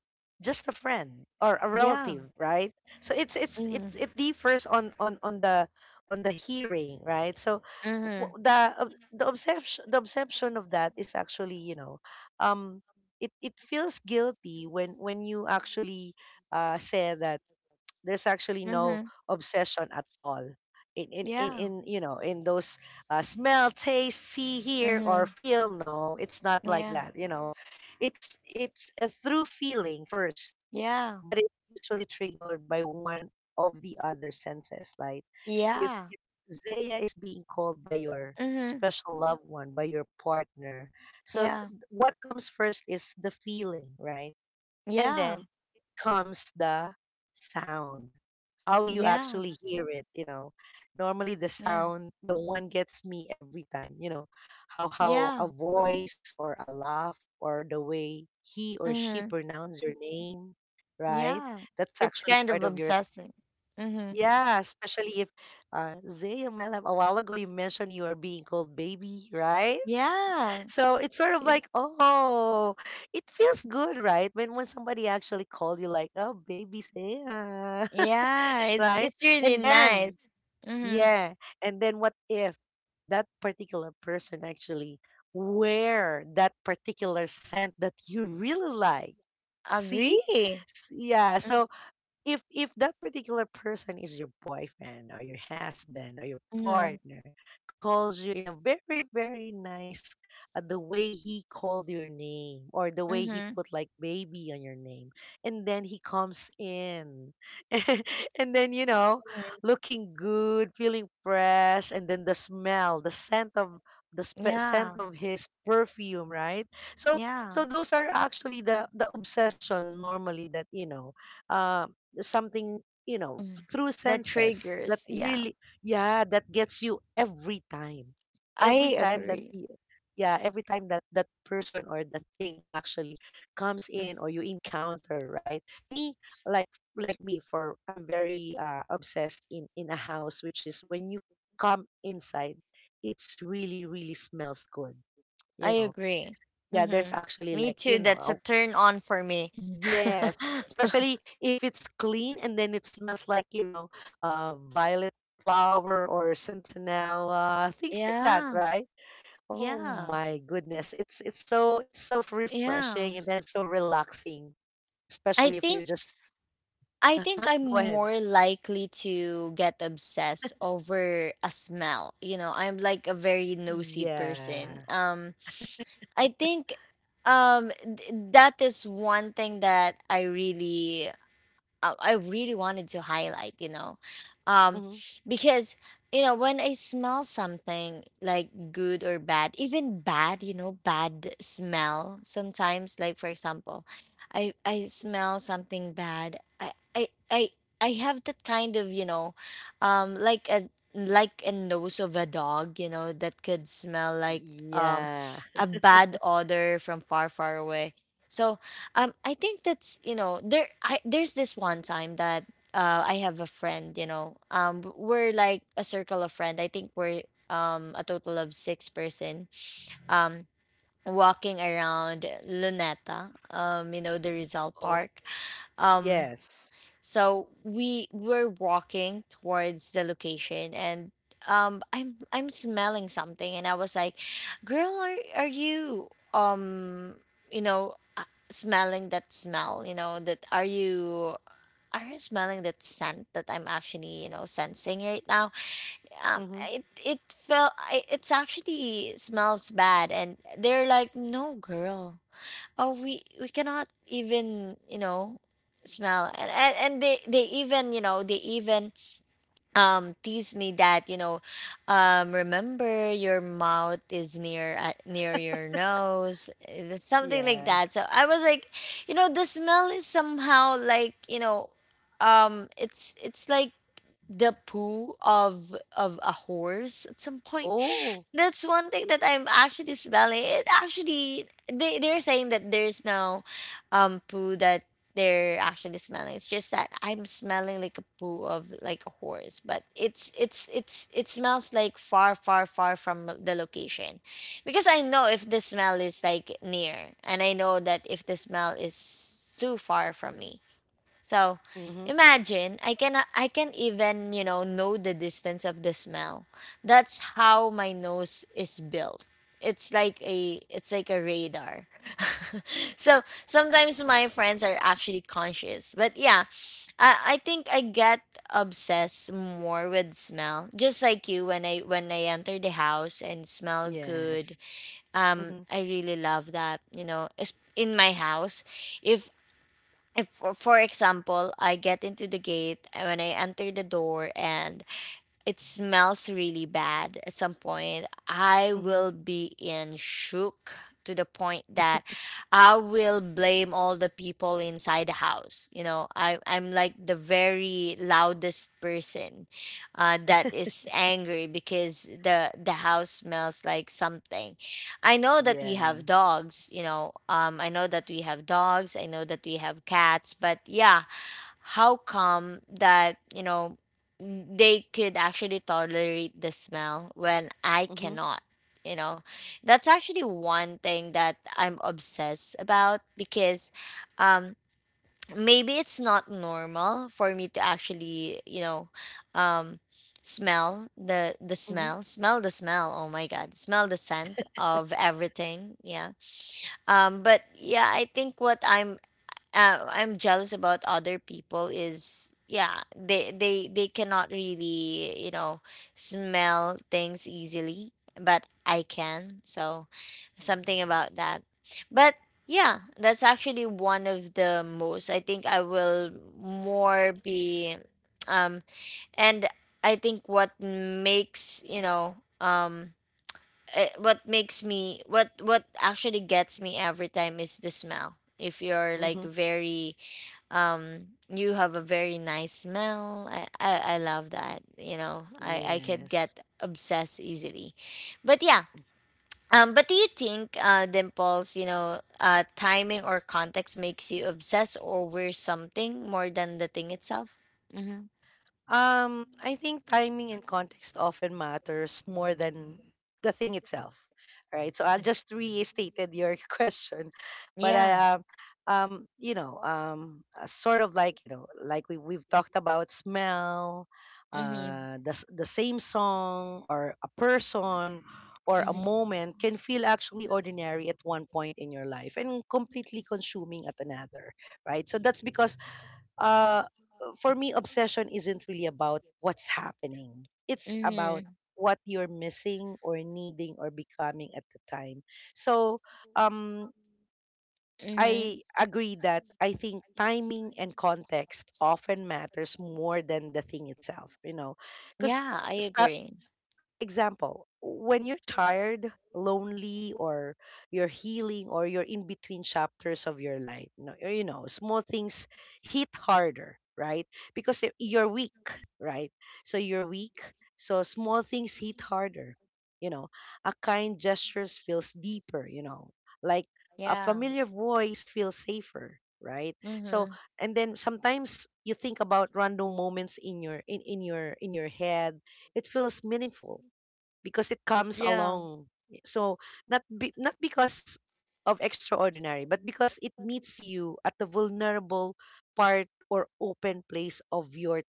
B: just a friend or a
A: Yeah.
B: relative, right? So it's it's
A: Mm-hmm.
B: it's it differs on on on the on the hearing, right? So
A: Mm-hmm.
B: w- the ob- the obsession the obsession of that is actually you know um it it feels guilty when when you actually uh say that there's actually no
A: Hmm.
B: obsession at all, in in in,
A: Yeah.
B: in you know in those, uh, smell, taste, see, hear,
A: Mm-hmm.
B: or feel. No, it's not like
A: Yeah.
B: that you know it's it's a through feeling first,
A: Yeah.
B: but it's usually triggered by one of the other senses. Like,
A: Yeah.
B: if if Zaya is being called by your
A: Mm-hmm.
B: special loved one, by your partner.
A: Yeah.
B: So th- th- what comes first is the feeling, right?
A: Yeah.
B: And then comes the sound, how you
A: Yeah.
B: actually hear it, you know. Normally the
A: Yeah.
B: sound, the one gets me every time, you know, how
A: Yeah.
B: how a voice or a laugh or the way he or she
A: Mm-hmm.
B: pronounce your name, right?
A: Yeah.
B: That's
A: It's
B: actually
A: kind
B: part
A: of
B: of your
A: obsessing. Mm-hmm.
B: yeah, Especially if uh Zay Zaya Malam, a while ago you mentioned you are being called baby, right?
A: Yeah.
B: So it's sort of
A: Y-
B: like, oh, it feels good, right? When when somebody actually called you like, oh, baby Zay.
A: Yeah. It's
B: Right?
A: it's really
B: And then,
A: nice. Mm-hmm.
B: yeah, and then, what if that particular person actually wear that particular scent that you really like? See?
A: Agree. Mm-hmm.
B: S- Yeah, so if if that particular person is your boyfriend or your husband or your
A: Mm-hmm.
B: partner calls you in a very very nice, uh, the way he called your name, or the way he
A: Mm-hmm.
B: put like baby on your name, and then he comes in and then you know looking good, feeling fresh, and then the smell the scent of the spe- scent
A: Yeah.
B: of his perfume, right? So,
A: Yeah.
B: so those are actually the the obsession normally that you know uh, something, you know
A: Mm.
B: through
A: That
B: senses that
A: triggers, yeah.
B: really, yeah, that gets you every time, every
A: I
B: time that
A: agree.
B: you, yeah every time that that person or that thing actually comes
A: Mm.
B: in, or you encounter, right? Me, like like me for I'm very, uh, obsessed in, in a house, which is when you come inside, it's really really smells good
A: I
B: you know
A: agree.
B: yeah,
A: Hmm.
B: there's actually
A: Me
B: like
A: too.
B: you
A: That's a
B: know
A: turn on for me.
B: Yes, especially if it's clean and then it smells like, you know, uh, violet flower or centinela, things like that,
A: Yeah,
B: right? Oh
A: yeah,
B: my goodness, it's it's so it's so
A: yeah.
B: refreshing and then so relaxing,
A: I
B: especially if you're
A: think
B: just...
A: I think
B: Uh-huh,
A: I'm
B: go ahead.
A: more likely to get obsessed over a smell. You know, I'm like a very nosy
B: Yeah.
A: person. Um, I think um th- that is one thing that I really, uh, I really wanted to highlight, you know, um,
B: Hmm.
A: because you know when I smell something like good or bad, even bad, you know, bad smell sometimes. Like, for example, I I smell something bad. I I I, I have that kind of, you know, um, like a like a nose of a dog, you know, that could smell like um
B: Yeah.
A: a bad odor from far far away. So um, I think that's, you know, there. I there's this one time that, uh I have a friend. You know, um, we're like a circle of friend. I think we're um a total of six person. Um, walking around Luneta. Um, you know the Rizal
B: Oh,
A: Park. Um,
B: yes.
A: so we were walking towards the location, and um I'm I'm smelling something, and I was like, "Girl, are are you um you know uh, smelling that smell, you know, that are you are you smelling that scent that I'm actually, you know, sensing right now?" Um
B: Mm-hmm.
A: it it felt I it's actually smells bad, and they're like, "No, girl. Oh, we we cannot even, you know smell, and and, and they they even, you know they even um tease me that, you know um remember your mouth is near, uh, near your nose, uh, something like
B: Yeah.
A: that." So I was like, you know, the smell is somehow, like you know um it's it's like the poo of of a horse at some point.
B: Oh.
A: That's one thing that I'm actually smelling. It actually they they're saying that there's no um poo that they're actually smelling. It's just that I'm smelling like a poo of, like, a horse, but it's it's it's it smells like far, far, far from the location. Because I know if the smell is like near, and I know that if the smell is too far from me. So
B: Mm-hmm.
A: imagine I can, uh, I can even, you know, know the distance of the smell. That's how my nose is built. It's like a it's like a radar. So sometimes my friends are actually conscious. But yeah, I, I think I get obsessed more with smell. Just like you, when I when I enter the house and smell good.
B: Yes.
A: Um
B: Mm-hmm.
A: I really love that, you know, es- in my house, if if for for example, I get into the gate, and when I enter the door, and it smells really bad at some point, I
B: Mm-hmm.
A: will be in shook to the point that I will blame all the people inside the house. You know, I, I'm like the very loudest person, uh, that is angry because the the house smells like something. I know that we have
B: Yeah.
A: dogs, you know, um, I know that we have dogs, I know that we have cats, but yeah, how come that, you know, they could actually tolerate the smell when I
B: Mm-hmm.
A: cannot. You know, that's actually one thing that I'm obsessed about, because um, maybe it's not normal for me to actually, you know, um, smell the the smell, smell the smell. Oh my God, smell the scent of everything. Yeah, um, but yeah, I think what I'm uh, I'm jealous about other people is, yeah, they they they cannot really, you know smell things easily, but I can, so something about that. But yeah, that's actually one of the most, I think I will more be, um and I think what makes, you know um eh, what makes me, what what actually gets me every time is the smell. If you're like
B: Mm-hmm.
A: very, um you have a very nice smell. I i, I love that, you know, i i could
B: Yes.
A: get obsessed easily. But yeah, um but do you think, uh Dimples, you know uh timing or context makes you obsessed over something more than the thing itself? Mm-hmm.
B: Um, I think timing and context often matters more than the thing itself, right? So I'll just restated your question, but
A: Yeah.
B: I um, um, you know, um, uh, sort of like, you know, like we we've talked about smell.
A: Mm-hmm.
B: Uh, the s- the same song or a person or a
A: Mm-hmm.
B: moment can feel actually ordinary at one point in your life and completely consuming at another, right? So that's because, uh for me, obsession isn't really about what's happening. It's about
A: Mm-hmm.
B: what you're missing or needing or becoming at the time. So, um,
A: Mm-hmm.
B: I agree that I think timing and context often matters more than the thing itself, you know, because,
A: Yeah, I agree.
B: example, when you're tired, lonely, or you're healing, or you're in between chapters of your life, you know, you know, small things hit harder, right? Because y- you're weak, right? So you're weak. So small things hit harder. You know, a kind gestures feels deeper. You know, like a
A: Yeah.
B: familiar voice feels safer, right? So,
A: Mm-hmm.
B: and then sometimes you think about random moments in your in, in your in your head. It feels meaningful because it comes
A: Yeah.
B: along. So, not be, not because of extraordinary, but because it meets you at the vulnerable part or open place of your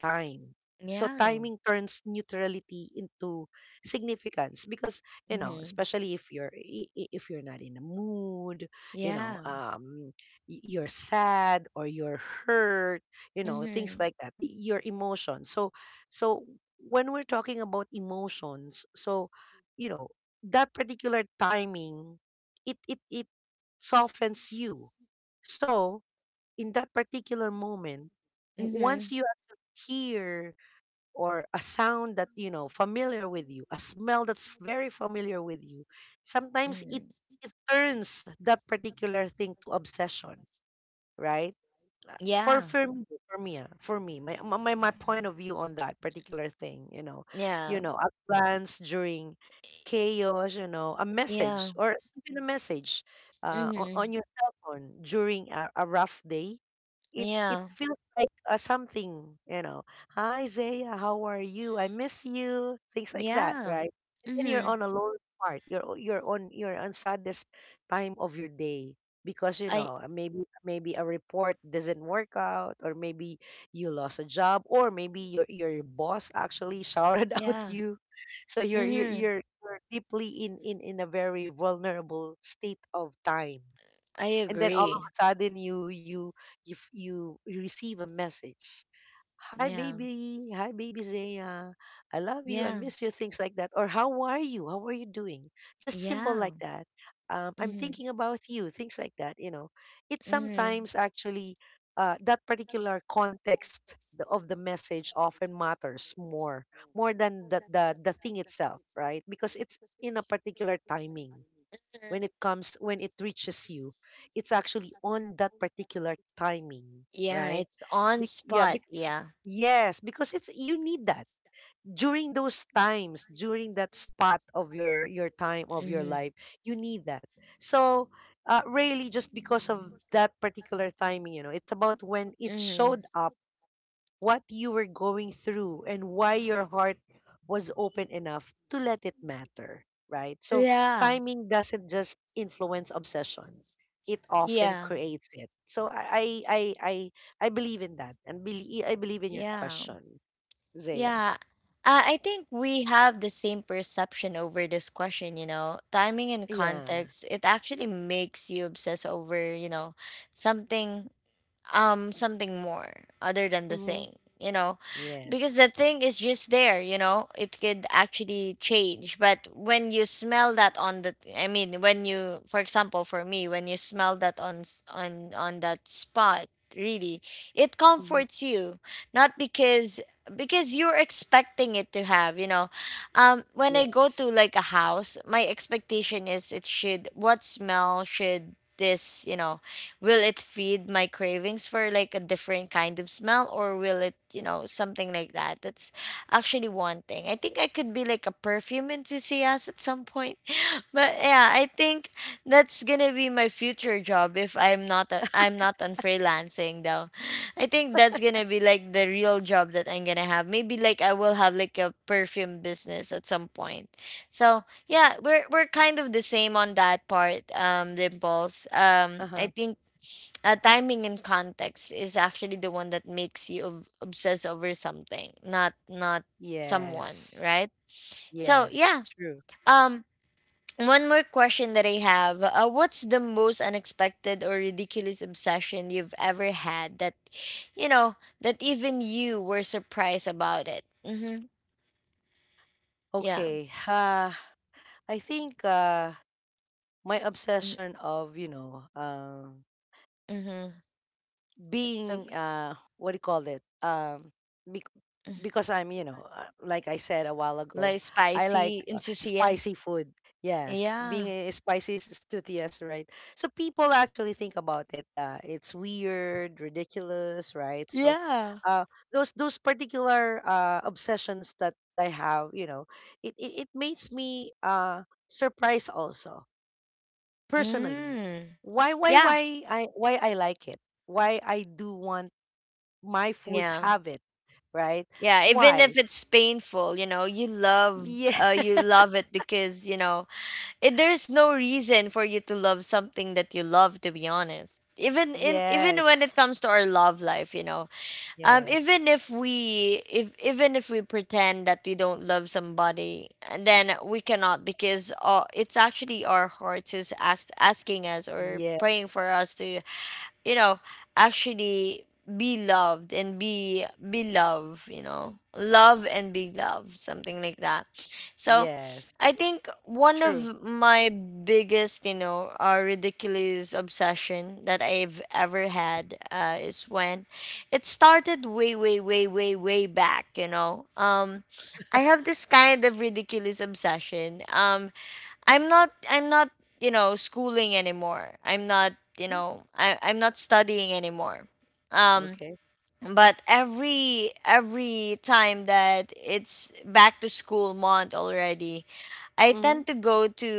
B: time. So
A: Yeah.
B: timing turns neutrality into significance because, you know,
A: Mm-hmm.
B: especially if you're, i- i- if you're not in a mood, you know,
A: Yeah.
B: um, y- you're sad or you're hurt, you know, things
A: Mm-hmm.
B: like that, y- your emotions. So so when we're talking about emotions, so you know that particular timing, it it it softens you. So in that particular moment, w-
A: Mm-hmm.
B: once you actually hear or a sound that you know familiar with you, a smell that's very familiar with you, sometimes it
A: Mm-hmm.
B: it turns that particular thing to obsession, right? for
A: Yeah,
B: for me for me ah, for me my, my my my point of view on that particular thing, you know
A: yeah,
B: you know a glance during chaos, you know a
A: yeah,
B: message or even a message uh, on,
A: mhm,
B: on your cell phone during a, a rough day, it it
A: yeah,
B: feels like uh, something. You know "hi Zaya, how are you? I miss you," things like that,
A: yeah,
B: right? And then you're
A: mhm,
B: on a low part, you're o- you're on you're on saddest time of your day, because you
A: I
B: know uh, maybe maybe a report doesn't work out, or maybe you lost a job, or maybe your your boss actually shouted out
A: yeah,
B: you. So you're you're
A: mhm,
B: you're, you're deeply in, in in a very vulnerable state of time.
A: I
B: And then all of
A: agree,
B: a sudden, you you you f- you receive a message: "Hi
A: yeah,
B: baby, hi baby Zaya, I love you, I
A: yeah,
B: miss you," things like that, or "How are you? How are you doing?" Just simple
A: yeah,
B: like that. um, "I'm
A: mhm,
B: thinking about you," things like that. You know it's
A: mhm,
B: sometimes actually uh, that particular context, the- of the message, often matters more more than the, the the thing itself, right? Because it's in a particular timing.
A: mhm.
B: When it comes when it reaches you, it's actually on that particular timing,
A: Yeah,
B: right?
A: it's on
B: Be- yeah,
A: spot,
B: bec-
A: yeah,
B: yes, because it's, you need that during those times, during that spot of your your time of your
A: mhm,
B: life. You need that. So uh, really just because of that particular timing. You know it's about when it
A: mhm,
B: showed up, what you were going through, and why your heart was open enough to let it matter, right? So
A: yeah,
B: timing doesn't just influence obsession. It often
A: yeah,
B: creates it. So I I I I, I believe in that, and believe I believe in your
A: yeah,
B: question, Zaya.
A: yeah. Uh, I think we have the same perception over this question, you know, timing and
B: Yeah.
A: context. It actually makes you obsess over, you know, something um something more other than the
B: Mm-hmm.
A: thing, you know, because
B: Yes.
A: the thing is just there, you know. It could actually change, but when you smell that on the— I mean, when you, for example, for me, when you smell that on s- on on that spot, really, it
B: Mm-hmm.
A: comforts you. Not because, because you're expecting it to have, you know um when I go to
B: Yes.
A: like a house, my expectation is, it should— what smell should this, you know, will it feed my cravings for like a different kind of smell, or will it, you know, something like that. That's actually one thing. I think I could be like a perfume enthusiast at some point. But yeah, I think that's gonna be my future job, if I'm not I am not on freelancing, though. I think that's gonna be like the real job that I'm gonna have. Maybe, like, I will have like a perfume business at some point. So yeah, we're we're kind of the same on that part, um Dimples. um I
B: Uh-huh.
A: think, uh, timing and context is actually the one that makes you ob- obsess over something, not not someone,
B: Yes.
A: right? So
B: Yes.
A: yeah.
B: True.
A: um One more question that I have, uh, what's the most unexpected or ridiculous obsession you've ever had that, you know, that even you were surprised about it? Mm-hmm. Yeah.
B: Okay. Uh, I think uh, my
A: Mm-hmm.
B: obsession of, you know, uh,
A: Mm-hmm. So,
B: being uh what do you call it, um bec- because I'm, you know uh, like I said a while ago,
A: like,
B: I like
A: spicy
B: uh,
A: enthusiast.
B: spicy food. Yes, being
A: Yeah.
B: a spicy is studious, right? So people actually think about it, uh, it's weird, ridiculous, right? So
A: Yeah.
B: uh those those particular uh obsessions that I have, you know it it, it makes me uh surprised also, personally.
A: Mm.
B: why why
A: Yeah.
B: why i why i like it, why I do want my foods
A: Yeah.
B: have it, right?
A: Yeah, even
B: Why?
A: if it's painful, you know, you love—
B: Yeah.
A: uh, you love it because, you know, it, there's no reason for you to love something that you love, to be honest. Even in even when it
B: Yes.
A: comes to our love life, you know. Um
B: Yes.
A: even if we if even if we pretend that we don't love somebody, and then we cannot, because, uh, it's actually our heart who's ask, asking us or
B: Yeah.
A: praying for us to, you know, actually be loved and be be loved, you know, love and be loved, something like that. So
B: Yes.
A: I think one
B: True.
A: of my biggest, you know uh, ridiculous obsession that I've ever had, uh, is when it started way, way, way, way, way back, you know. um I have this kind of ridiculous obsession. um I'm not I'm not, you know, schooling anymore. I'm not, you
B: Mm,
A: know, I I'm not studying anymore. Um
B: okay.
A: but every every time that it's back to school month already, I
B: Hmm.
A: tend to go to,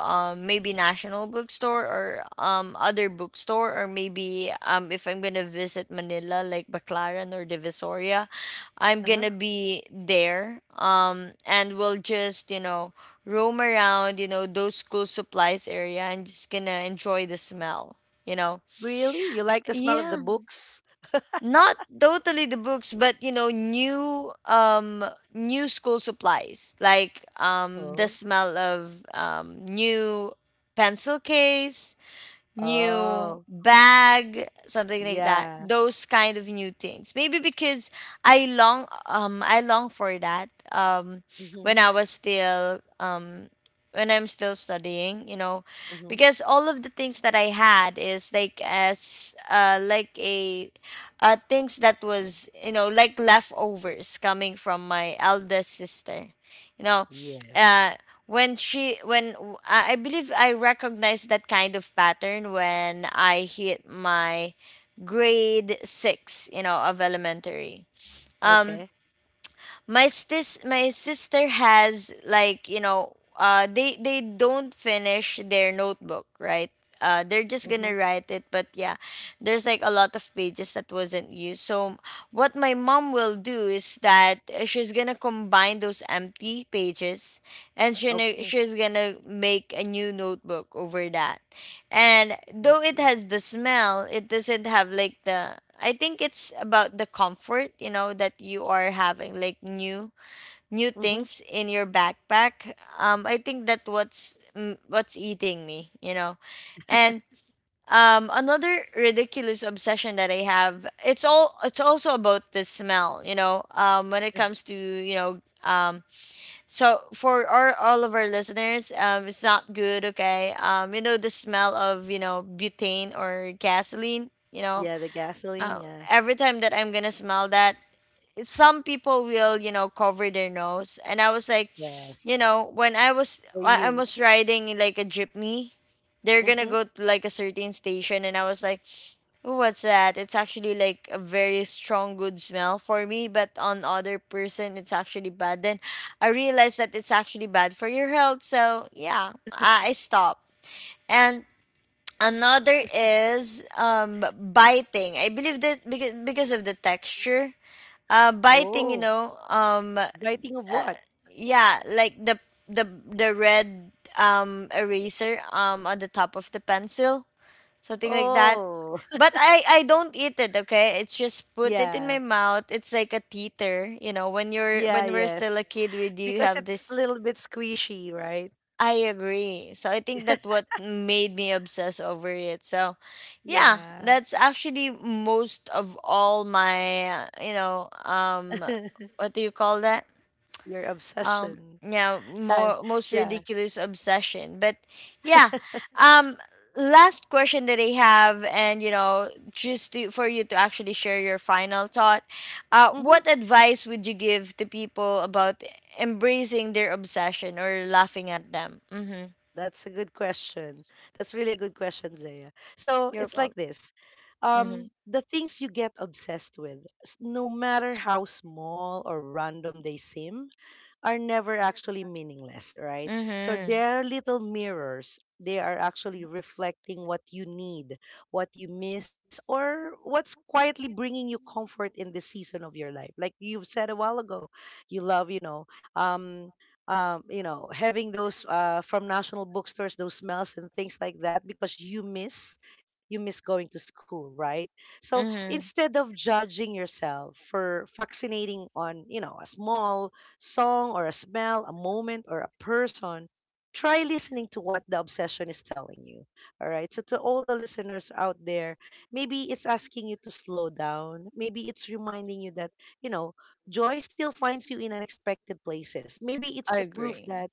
A: um, maybe National Bookstore, or um, other bookstore, or maybe, um, if I'm gonna visit Manila, like Baclaran or Divisoria, I'm
B: Uh-huh.
A: gonna be there, um, and we'll just, you know, roam around, you know, those school supplies area and just gonna enjoy the smell, you know.
B: Really? You like the smell of the
A: Yeah,
B: books?
A: not totally the books, but, you know, new, um new school supplies, like, um the
B: Oh.
A: smell of um new pencil case, new
B: Oh.
A: bag, something like that.
B: Yeah.
A: Those kind of new things. Maybe because I long um I long for that, um when
B: Mm-hmm.
A: I was still um when I'm still studying, you know,
B: Mm-hmm.
A: because all of the things that I had is like, as uh like a, uh things that was, you know, like leftovers coming from my eldest sister. You know,
B: Yes.
A: uh when she when w- I I believe I recognized that kind of pattern when I hit my grade six, you know, of elementary. Um
B: Okay.
A: my sis my sister has, like, you know, uh they they don't finish their notebook, right? Uh they're just
B: Mm-hmm.
A: gonna write it, but yeah, there's, like, a lot of pages that wasn't used, so what my mom will do is that, uh, she's gonna combine those empty pages, and she
B: Okay.
A: she's gonna make a new notebook over that. And
B: I
A: though it
B: see.
A: has the smell, it doesn't have like the— I think it's about the comfort, you know, that you are having, like, new new
B: Mm-hmm.
A: things in your backpack. Um I think that what's— mm, what's eating me, you know. And, um another ridiculous obsession that I have, it's all it's also about the smell, you know. Um when it comes to, you know, um so for our— all of our listeners, um, it's not good. Okay, um, you know the smell of, you know, butane or gasoline. You know,
B: Yeah, the gasoline.
A: uh,
B: Yeah.
A: every time that I'm gonna smell that, some people will, you know, cover their nose, and I was like, you
B: Yes.
A: know, when i was
B: For
A: i, I
B: you.
A: was riding in, like, a jeepney, they're gonna
B: Mm-hmm.
A: go to like a certain station, and I was like, "Oh, what's that?" It's actually like a very strong, good smell for me, but on other person, it's actually bad. Then I realized that it's actually bad for your health, so yeah, i, I stopped. And another is, um biting. I believe that, because, because of the texture, uh biting, you
B: Oh.
A: know um
B: Biting of
A: uh,
B: what?
A: yeah, like the— the the red, um eraser, um on the top of the pencil, something like that.
B: Oh.
A: But i i don't eat it, okay? It's just put it in my
B: Yeah.
A: mouth. It's like a teeter, you know, when you're
B: Yeah,
A: when we're
B: yes.
A: still a kid, we do
B: Because
A: have
B: it's a
A: this.
B: little bit squishy, right?
A: I agree. So I think that what made me obsess over it. So yeah,
B: Yeah.
A: that's actually most of all my, uh, you know, um what do you call that,
B: Your
A: um
B: obsession.
A: yeah,
B: So,
A: more most
B: yeah.
A: ridiculous obsession. But yeah, um last question that I have, and, you know just to, for you to actually share your final thought. Uh
B: Mm-hmm.
A: what advice would you give to people about embracing their obsession or laughing at them? Mm-hmm.
B: That's a good question. That's really a good question, Zaya. So
A: your
B: it's like this.
A: Mm-hmm.
B: Um, the things you get obsessed with, s- no matter how small or random they seem, are never actually meaningless, right? So
A: Mm-hmm.
B: they're little mirrors. They are actually reflecting what you need, what you miss, or what's quietly bringing you comfort in this season of your life. Like you said a while ago, you love, you know, um, um, you know, having those uh, from National Bookstores, those smells and things like that, because you miss, you miss going to school, right? So
A: Mm-hmm.
B: instead of judging yourself for vaccinating on you know a small song or a smell, a moment or a person, try listening to what the obsession is telling you. All right. So, to all the listeners out there, maybe it's asking you to slow down. Maybe it's reminding you that, you know, joy still finds you in unexpected places. Maybe it's a proof that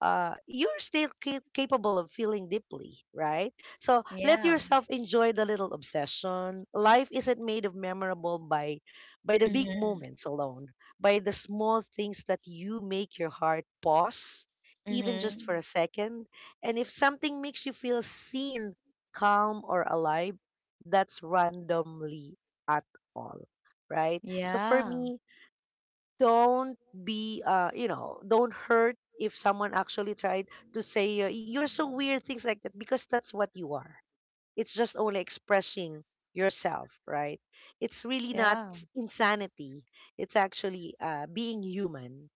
B: uh, you're still ca- capable of feeling deeply, right? So let
A: Yeah.
B: yourself enjoy the little obsession. Life isn't made of memorable by by the big
A: Mm-hmm.
B: moments alone, by the small things that you make your heart pause, even
A: Mm-hmm.
B: just for a second. And if something makes you feel seen, calm, or alive, that's randomly at all, right? So for
A: Yeah.
B: me, don't be uh you know don't hurt if someone actually tried to say uh, you're so weird, things like that, because that's what you are. It's just only expressing yourself, right? It's really not
A: Yeah.
B: s- insanity. It's actually uh being human,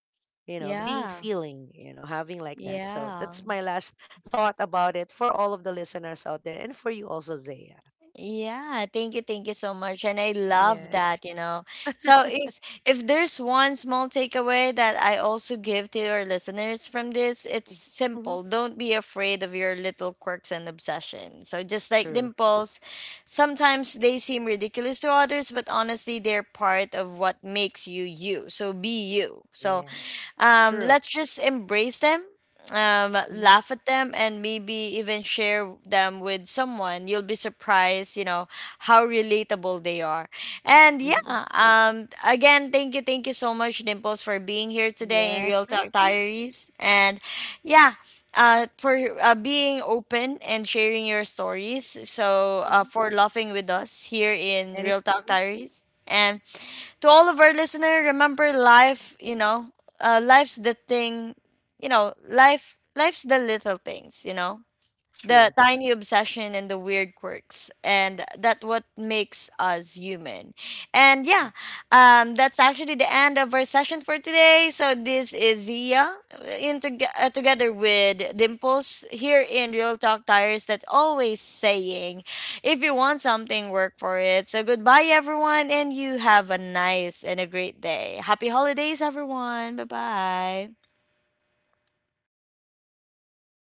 B: you know being
A: Yeah.
B: feeling, you know having like that. So
A: Yeah,
B: that's my last thought about it, for all of the listeners out there, and for you also, Zaya.
A: Yeah, thank you, thank you so much. And I love
B: Yes.
A: that, you know. So, if if there's one small takeaway that I also give to your listeners from this, it's
B: Mm-hmm.
A: simple. Don't be afraid of your little quirks and obsessions. So, just like
B: True.
A: Dimples, sometimes they seem ridiculous to others, but honestly they're part of what makes you you. So be you. So,
B: Yes.
A: um
B: True.
A: let's just embrace them, um, laugh at them, and maybe even share them with someone. You'll be surprised, you know, how relatable they are. And yeah,
B: Hmm.
A: um, again, thank you, thank you so much, Dimples, for being here today in
B: Yes,
A: Real
B: thank
A: Talk
B: you.
A: Diaries. And yeah, uh, for uh, being open and sharing your stories. So, uh,
B: Mhm.
A: for laughing with us here in Real Talk
B: Anytime.
A: Diaries. And to all of our listener, remember life, you know, uh, life's the thing, you know, life life's the little things, you know, the
B: True. Mhm.
A: tiny obsession and the weird quirks, and that what makes us human. And yeah, um, that's actually the end of our session for today. So this is Zia, uh, in toge- uh, together with Dimples here in Real Talk Tires, that always saying, "If you want something, work for it." So goodbye everyone, and you have a nice and a great day. Happy holidays everyone. Bye bye